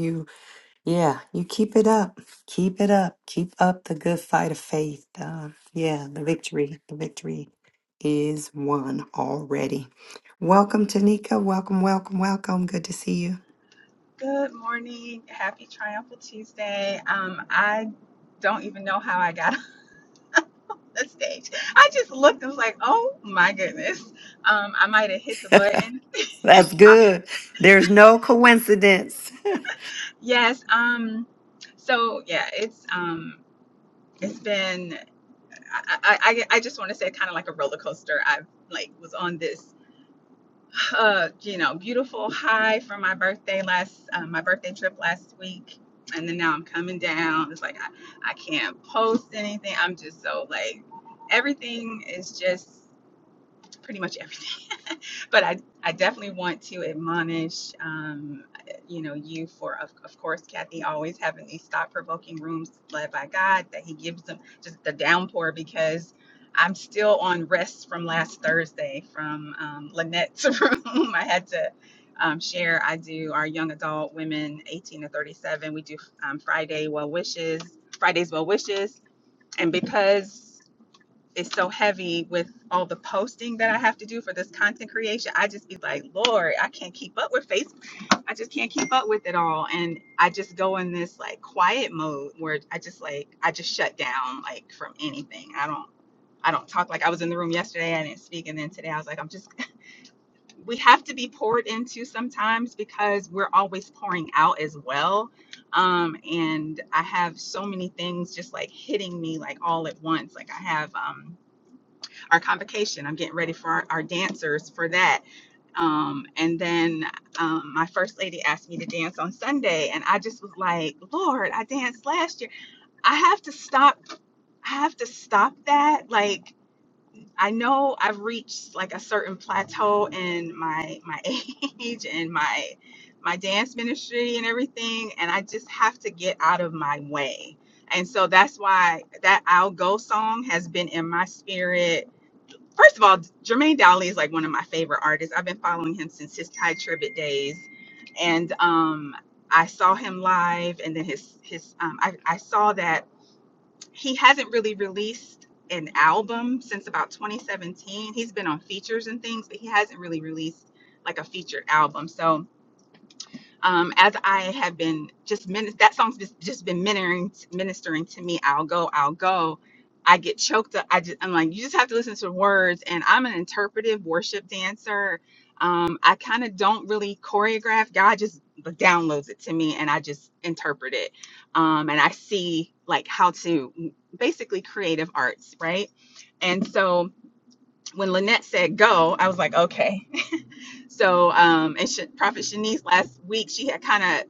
[SPEAKER 1] Yeah, you keep it up. Keep it up. Keep up the good fight of faith. Uh, yeah, the victory. The victory is won already. Welcome, Tanika. Welcome, welcome, welcome. Good to see you.
[SPEAKER 9] Good morning. Happy Triumphal Tuesday. Um, I don't even know how I got on the stage. I just looked and was like, oh my goodness. Um, I might have hit the button.
[SPEAKER 1] That's
[SPEAKER 9] Uh,
[SPEAKER 1] good. There's no coincidence.
[SPEAKER 9] yes. Um, so yeah, it's um, it's been. I I, I I just want to say kind of like a roller coaster. I've like was on this. uh, you know, beautiful high from my birthday last, uh, my birthday trip last week. And then now I'm coming down. It's like, I, I can't post anything. I'm just so like, everything is just pretty much everything but I, I definitely want to admonish, um, you know, you for, of, of course, Kathy, always having these thought provoking rooms led by God that He gives them just the downpour because I'm still on rest from last Thursday from um, Lynette's room. I had to um, share. I do our young adult women 18 to 37. We do um, Friday well wishes, Friday's well wishes. And because is so heavy with all the posting that I have to do for this content creation. I just be like, Lord, I can't keep up with Facebook. I just can't keep up with it all. And I just go in this like quiet mode where I just like I just shut down like from anything. I don't I don't talk like I was in the room yesterday, I didn't speak. And then today I was like, I'm just we have to be poured into sometimes because we're always pouring out as well. Um, and I have so many things just like hitting me like all at once. Like I have um our convocation. I'm getting ready for our, our dancers for that. Um, and then um, my first lady asked me to dance on Sunday, and I just was like, Lord, I danced last year. I have to stop. I have to stop that. Like I know I've reached like a certain plateau in my my age and my my dance ministry and everything, and I just have to get out of my way. And so that's why that I'll go song has been in my spirit First of all, Jermaine Dowley is like one of my favorite artists. I've been following him since his Ty Tribbett days, and um, I saw him live, and then his his um, I, I saw that he hasn't really released an album since about 2017. He's been on features and things, but he hasn't really released like a featured album. So um, as I have been just min- that song's just, just been ministering ministering to me. I'll go, I'll go. I get choked up. I just I'm like, you just have to listen to the words. And I'm an interpretive worship dancer. Um, I kind of don't really choreograph. God just downloads it to me, and I just interpret it. Um, and I see like how to mm, basically creative arts, right? And so when Lynette said go, I was like, okay. So, um, and Sh- Prophet Shanice last week, she had kind of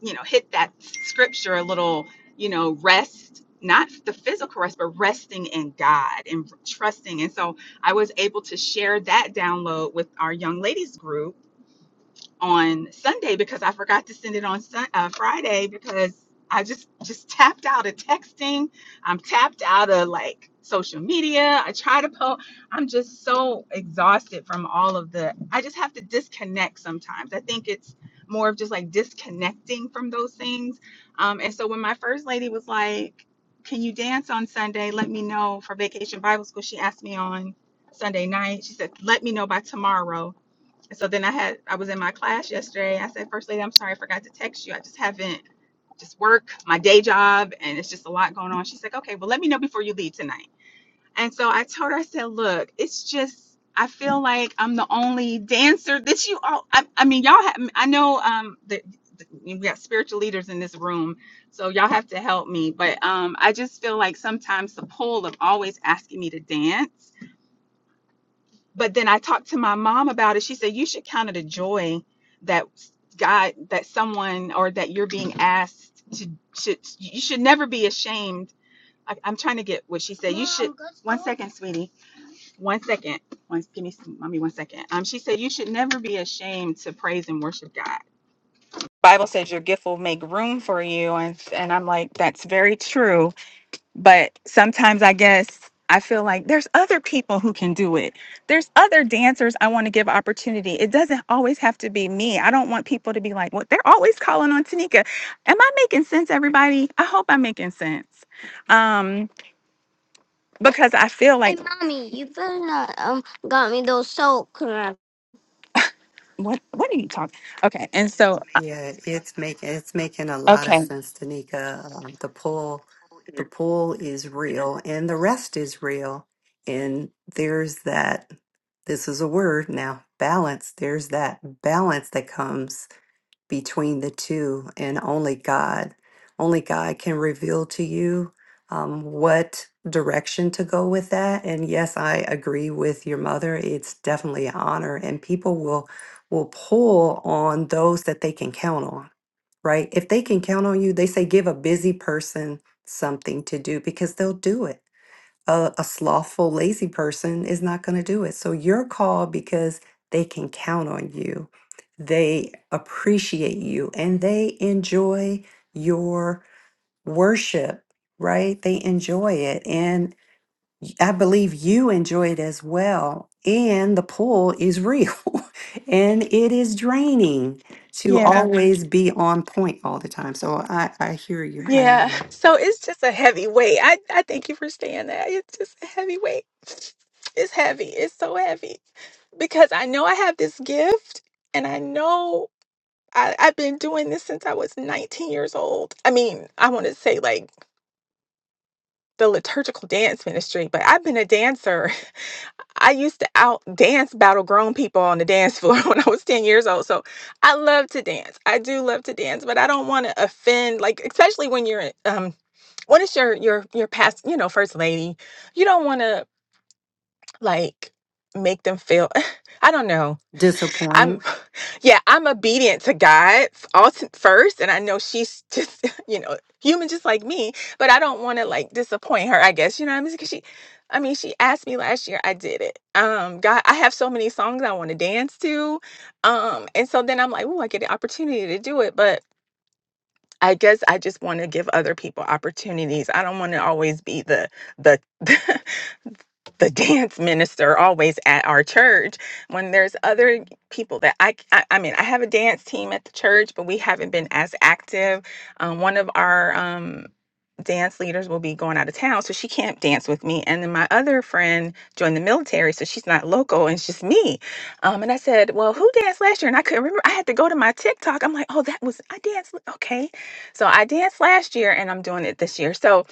[SPEAKER 9] you know, hit that scripture a little, you know, rest, not the physical rest, but resting in God and trusting. And so I was able to share that download with our young ladies group on Sunday because I forgot to send it on Sun- uh, Friday because I just just tapped out of texting. I'm tapped out of like social media. I try to post. I'm just so exhausted from all of the. I just have to disconnect sometimes. I think it's more of just like disconnecting from those things. Um, and so when my first lady was like, "Can you dance on Sunday? Let me know for Vacation Bible School." She asked me on Sunday night. She said, "Let me know by tomorrow." so then I had I was in my class yesterday. I said, "First lady, I'm sorry I forgot to text you. I just haven't just work, my day job, and it's just a lot going on. She's like, Okay, well let me know before you leave tonight. And so I told her, I said, Look, it's just I feel like I'm the only dancer that you all I, I mean y'all have I know um that that we got spiritual leaders in this room, so y'all have to help me. But um I just feel like sometimes the pull of always asking me to dance but then I talked to my mom about it. She said, You should count it a joy that God, that someone, or that you're being asked to, should, you should never be ashamed. I, I'm trying to get what she said. You should, one second, sweetie. One second. One, give me, some- mommy, one second. Um, she said, You should never be ashamed to praise and worship God. Bible says your gift will make room for you. And, and I'm like, That's very true but sometimes I guess I feel like there's other people who can do it. There's other dancers I want to give opportunity. It doesn't always have to be me. I don't want people to be like, well, they're always calling on Tanika. Am I making sense, everybody? I hope I'm making sense. Um, because I feel like. Hey, like mommy, you better not um got me those soul crackers. what what are you talking? Okay. And so uh,
[SPEAKER 1] Yeah, it's making it's making a lot of
[SPEAKER 9] okay.
[SPEAKER 1] sense, Tanika. Um, the pull, the pull is real, and the rest is real. And there's that. This is a word now. Balance. There's that balance that comes between the two and only god only god can reveal to you um, what direction to go with that and yes i agree with your mother it's definitely an honor and people will will pull on those that they can count on right if they can count on you they say give a busy person something to do because they'll do it a, a slothful, lazy person is not going to do it. So you're called because they can count on you, they appreciate you, and they enjoy your worship, right? They enjoy it. And I believe you enjoy it as well. And the pull is real and it is draining to Mhm.
[SPEAKER 9] Yeah.
[SPEAKER 1] always be on point all the time. So I, I hear you.
[SPEAKER 9] Yeah.
[SPEAKER 1] I'm
[SPEAKER 9] So it's just a heavy weight. I, I thank you for saying that. It's just a heavy weight. It's heavy. It's so heavy. Because I know I have this gift and I know I, I've been doing this since I was 19 years old. I mean, I want to say like the liturgical dance ministry, but I've been a dancer I used to out dance battle grown people on the dance floor when I was 10 years old. So I love to dance. I do love to dance, but I don't want to offend, like, especially when you're, um, when it's your, your, your past, you know, first lady, you don't want to like make them feel, I don't know.
[SPEAKER 1] disappointed.
[SPEAKER 9] I'm, yeah, I'm obedient to God ulti- first, and I know she's just, you know, human just like me. But I don't want to like disappoint her. I guess you know what I mean. Because she, I mean, she asked me last year. I did it. Um, God, I have so many songs I want to dance to. Um, and so then I'm like, oh, I get the opportunity to do it, but. I guess I just want to give other people opportunities. I don't want to always be the the the dance minister always at our church when there's other people that I, I I mean I have a dance team at the church but we haven't been as active um, one of our um, dance leaders will be going out of town so she can't dance with me and then my other friend joined the military so she's not local and it's just me um, and I said well who danced last year and I couldn't remember I had to go to my TikTok I'm like oh that was I danced l- okay so I danced last year and I'm doing it this year so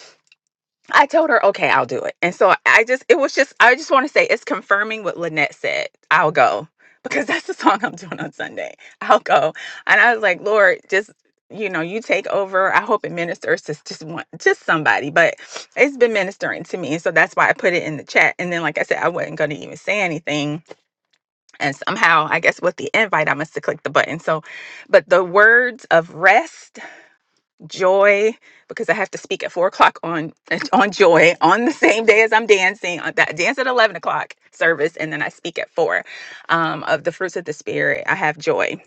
[SPEAKER 9] I told her, okay, I'll do it. And so I just, it was just, I just want to say it's confirming what Lynette said. I'll go because that's the song I'm doing on Sunday. I'll go. And I was like, Lord, just, you know, you take over. I hope it ministers to s- just one, just somebody, but it's been ministering to me. And so that's why I put it in the chat. And then, like I said, I wasn't going to even say anything. And somehow, I guess with the invite, I must have clicked the button. So, but the words of rest joy because I have to speak at four o'clock on on joy on the same day as I'm dancing. On that dance at eleven o'clock service, and then I speak at four um, of the fruits of the spirit. I have joy,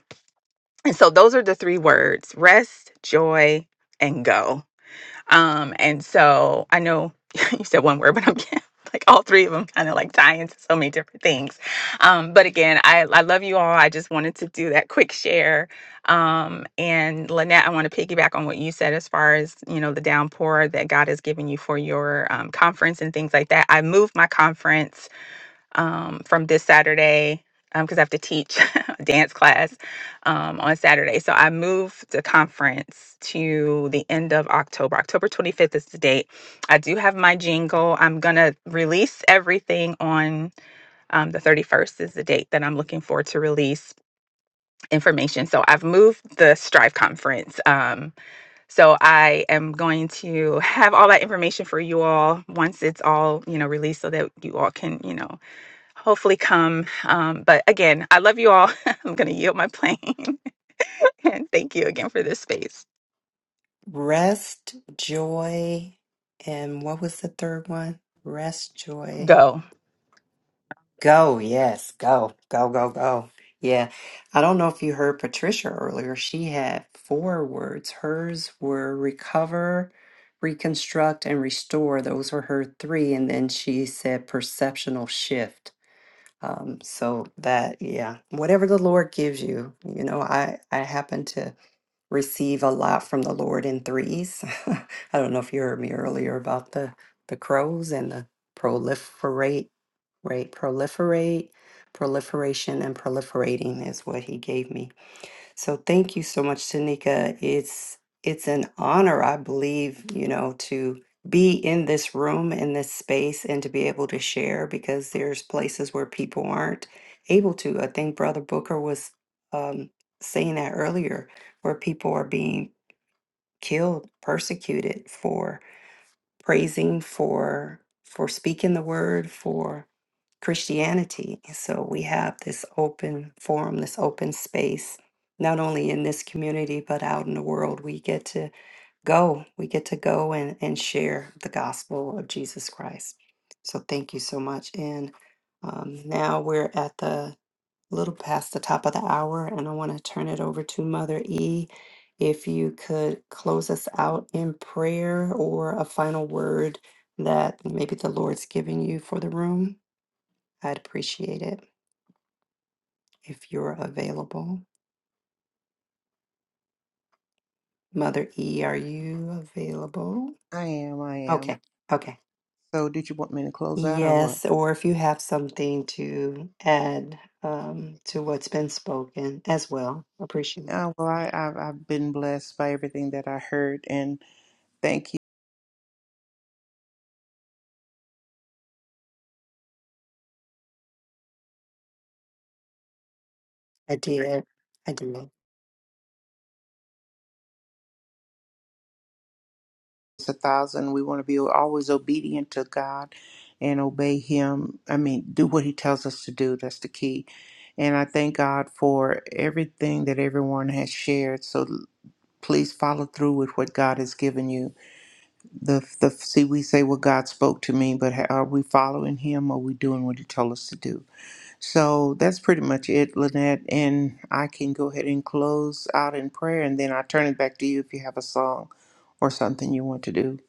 [SPEAKER 9] and so those are the three words: rest, joy, and go um, and so I know you said one word, but I'm like all three of them kind of like tie into so many different things. Um, but again, I, I love you all. I just wanted to do that quick share. Um, and Lynette, I want to piggyback on what you said as far as, you know, the downpour that God has given you for your um, conference and things like that. I moved my conference um, from this Saturday because I have to teach a dance class um, on Saturday. So I moved the conference to the end of October. October 25th is the date. I do have my jingle. I'm going to release everything on um, the 31st, is the date that I'm looking for to release information. So I've moved the Strive conference. Um, so I am going to have all that information for you all once it's all, you know, released so that you all can, you know, hopefully come. Um, but again, I love you all. I'm going to yield my plane. and thank you again for this space.
[SPEAKER 1] Rest, joy, and what was the third one? Rest, joy.
[SPEAKER 9] Go.
[SPEAKER 1] Go, yes, go, go, go, go. Yeah. I don't know if you heard Patricia earlier. She had four words. Hers were recover, reconstruct, and restore. Those were her three. And then she said perceptional shift. Um, so that, yeah, whatever the Lord gives you, you know, I, I happen to receive a lot from the Lord in threes. I don't know if you heard me earlier about the the crows and the proliferate, right? Proliferate, proliferation, and proliferating is what he gave me so thank you so much, Tanika. It's it's an honor, I believe, you know, to be in this room, in this space, and to be able to share because there's places where people aren't able to. I think Brother Booker was um, saying that earlier, where people are being killed, persecuted for praising, for for speaking the word, for Christianity. So we have this open forum, this open space, not only in this community, but out in the world. We get to go, we get to go and, and share the gospel of Jesus Christ. So thank you so much. And um, now we're at the little past the top of the hour, and I want to turn it over to Mother E. If you could close us out in prayer or a final word that maybe the Lord's giving you for the room. I'd appreciate it if you're available. Mother E, are you available?
[SPEAKER 4] I am. I am.
[SPEAKER 1] Okay, okay.
[SPEAKER 4] So, did you want me to close out or what?
[SPEAKER 1] Yes, or if you have something to add um, to what's been spoken as well, appreciate it.
[SPEAKER 4] Uh, well, I, I've, I've been blessed by everything that I heard, and thank you.
[SPEAKER 1] I did. I did.
[SPEAKER 4] It's a thousand. We want to be always obedient to God and obey Him. I mean, do what He tells us to do. That's the key. And I thank God for everything that everyone has shared. So l- please follow through with what God has given you. The the see, we say what God spoke to me, but ha- are we following Him? Or are we doing what He told us to do? So that's pretty much it, Lynette. And I can go ahead and close out in prayer, and then I turn it back to you if you have a song or something you want to do.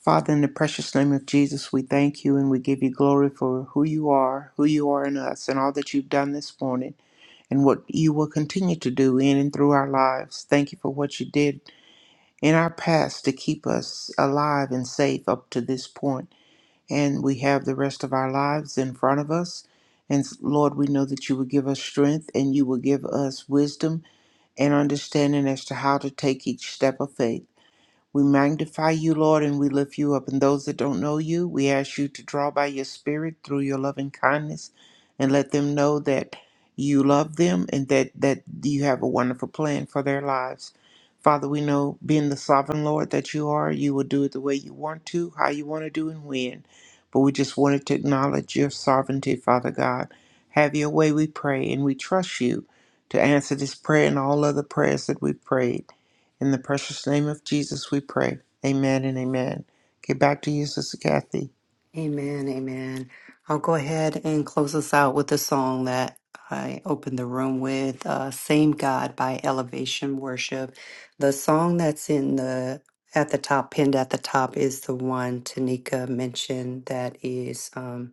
[SPEAKER 4] Father, in the precious name of Jesus, we thank you and we give you glory for who you are, who you are in us, and all that you've done this morning, and what you will continue to do in and through our lives. Thank you for what you did in our past to keep us alive and safe up to this point. and we have the rest of our lives in front of us. And Lord, we know that you will give us strength and you will give us wisdom and understanding as to how to take each step of faith. We magnify you, Lord, and we lift you up. And those that don't know you, we ask you to draw by your spirit through your loving kindness and let them know that you love them and that, that you have a wonderful plan for their lives. Father, we know being the sovereign Lord that you are, you will do it the way you want to, how you want to do, and when. But we just wanted to acknowledge your sovereignty, Father God. Have your way, we pray, and we trust you to answer this prayer and all other prayers that we've prayed. In the precious name of Jesus, we pray. Amen and amen. Okay, back to you, Sister Kathy.
[SPEAKER 1] Amen, amen. I'll go ahead and close us out with the song that I opened the room with, uh, "Same God" by Elevation Worship. The song that's in the at the top, pinned at the top, is the one Tanika mentioned. That is um,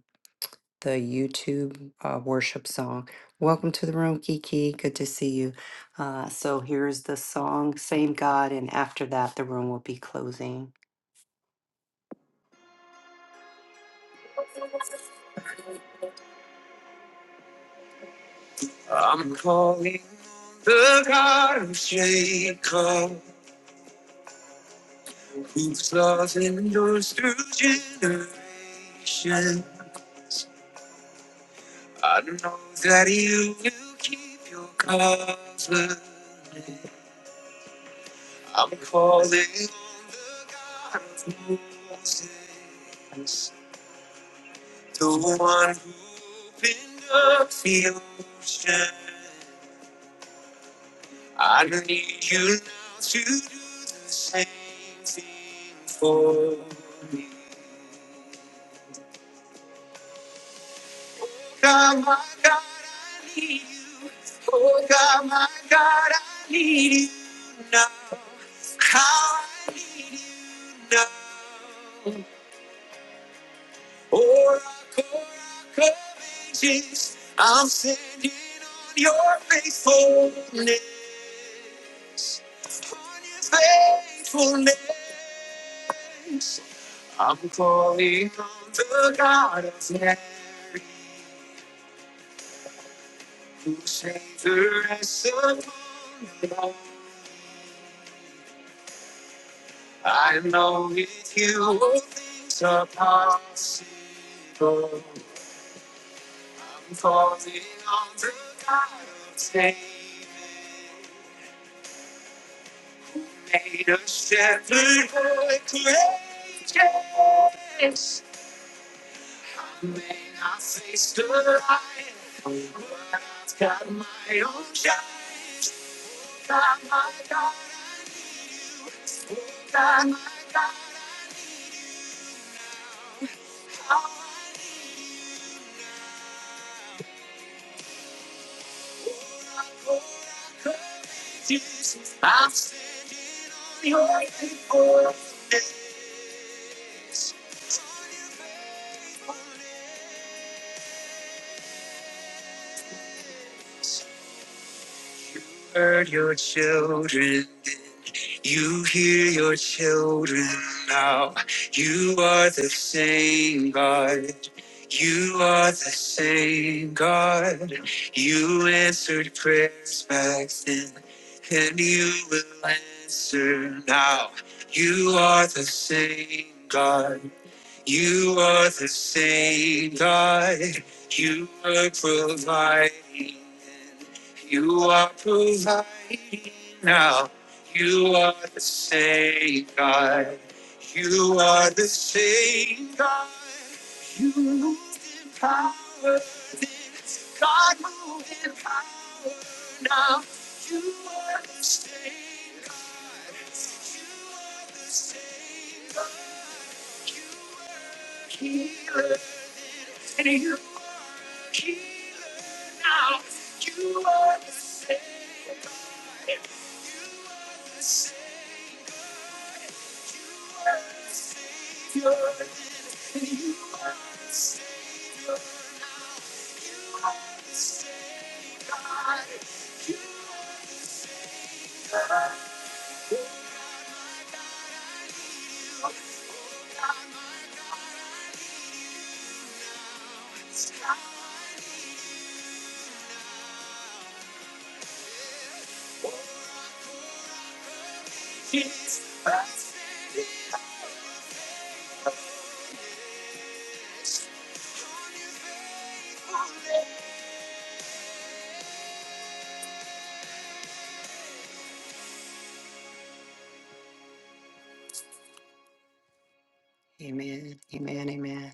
[SPEAKER 1] the YouTube uh, worship song. Welcome to the room, Kiki. Good to see you. Uh, so here's the song, "Same God," and after that, the room will be closing. The God of Jacob, whose love endures through generations. I know that you will keep your covenant. I'm calling on the God of Moses, the one who opened up the ocean. I need you now to do the same thing for me. God, my God, I need you. Oh, God, my God, I need you now. How I need you now. Oh, rock, oh, rock of ages, I'm standing on your faithfulness. On your faithfulness, I'm calling on the God of Mary. Who saves us from the fall? I know with you, all things are possible. I'm falling on the battlefield, made of shattered wood and dreams. I may not face the light, but I've got my own shot. got My God, got my God, my own shot. I've been on your case. heard your children then. You hear your children now. You are the same God. You are the same God. You answered prayers back then, and you will answer now. You are the same God. You are the same God. You are providing. You are providing now. You are the same God. You are the same God. Moved in power. then. God move in power now. You are the same God healer. And you Amen. Amen. Amen.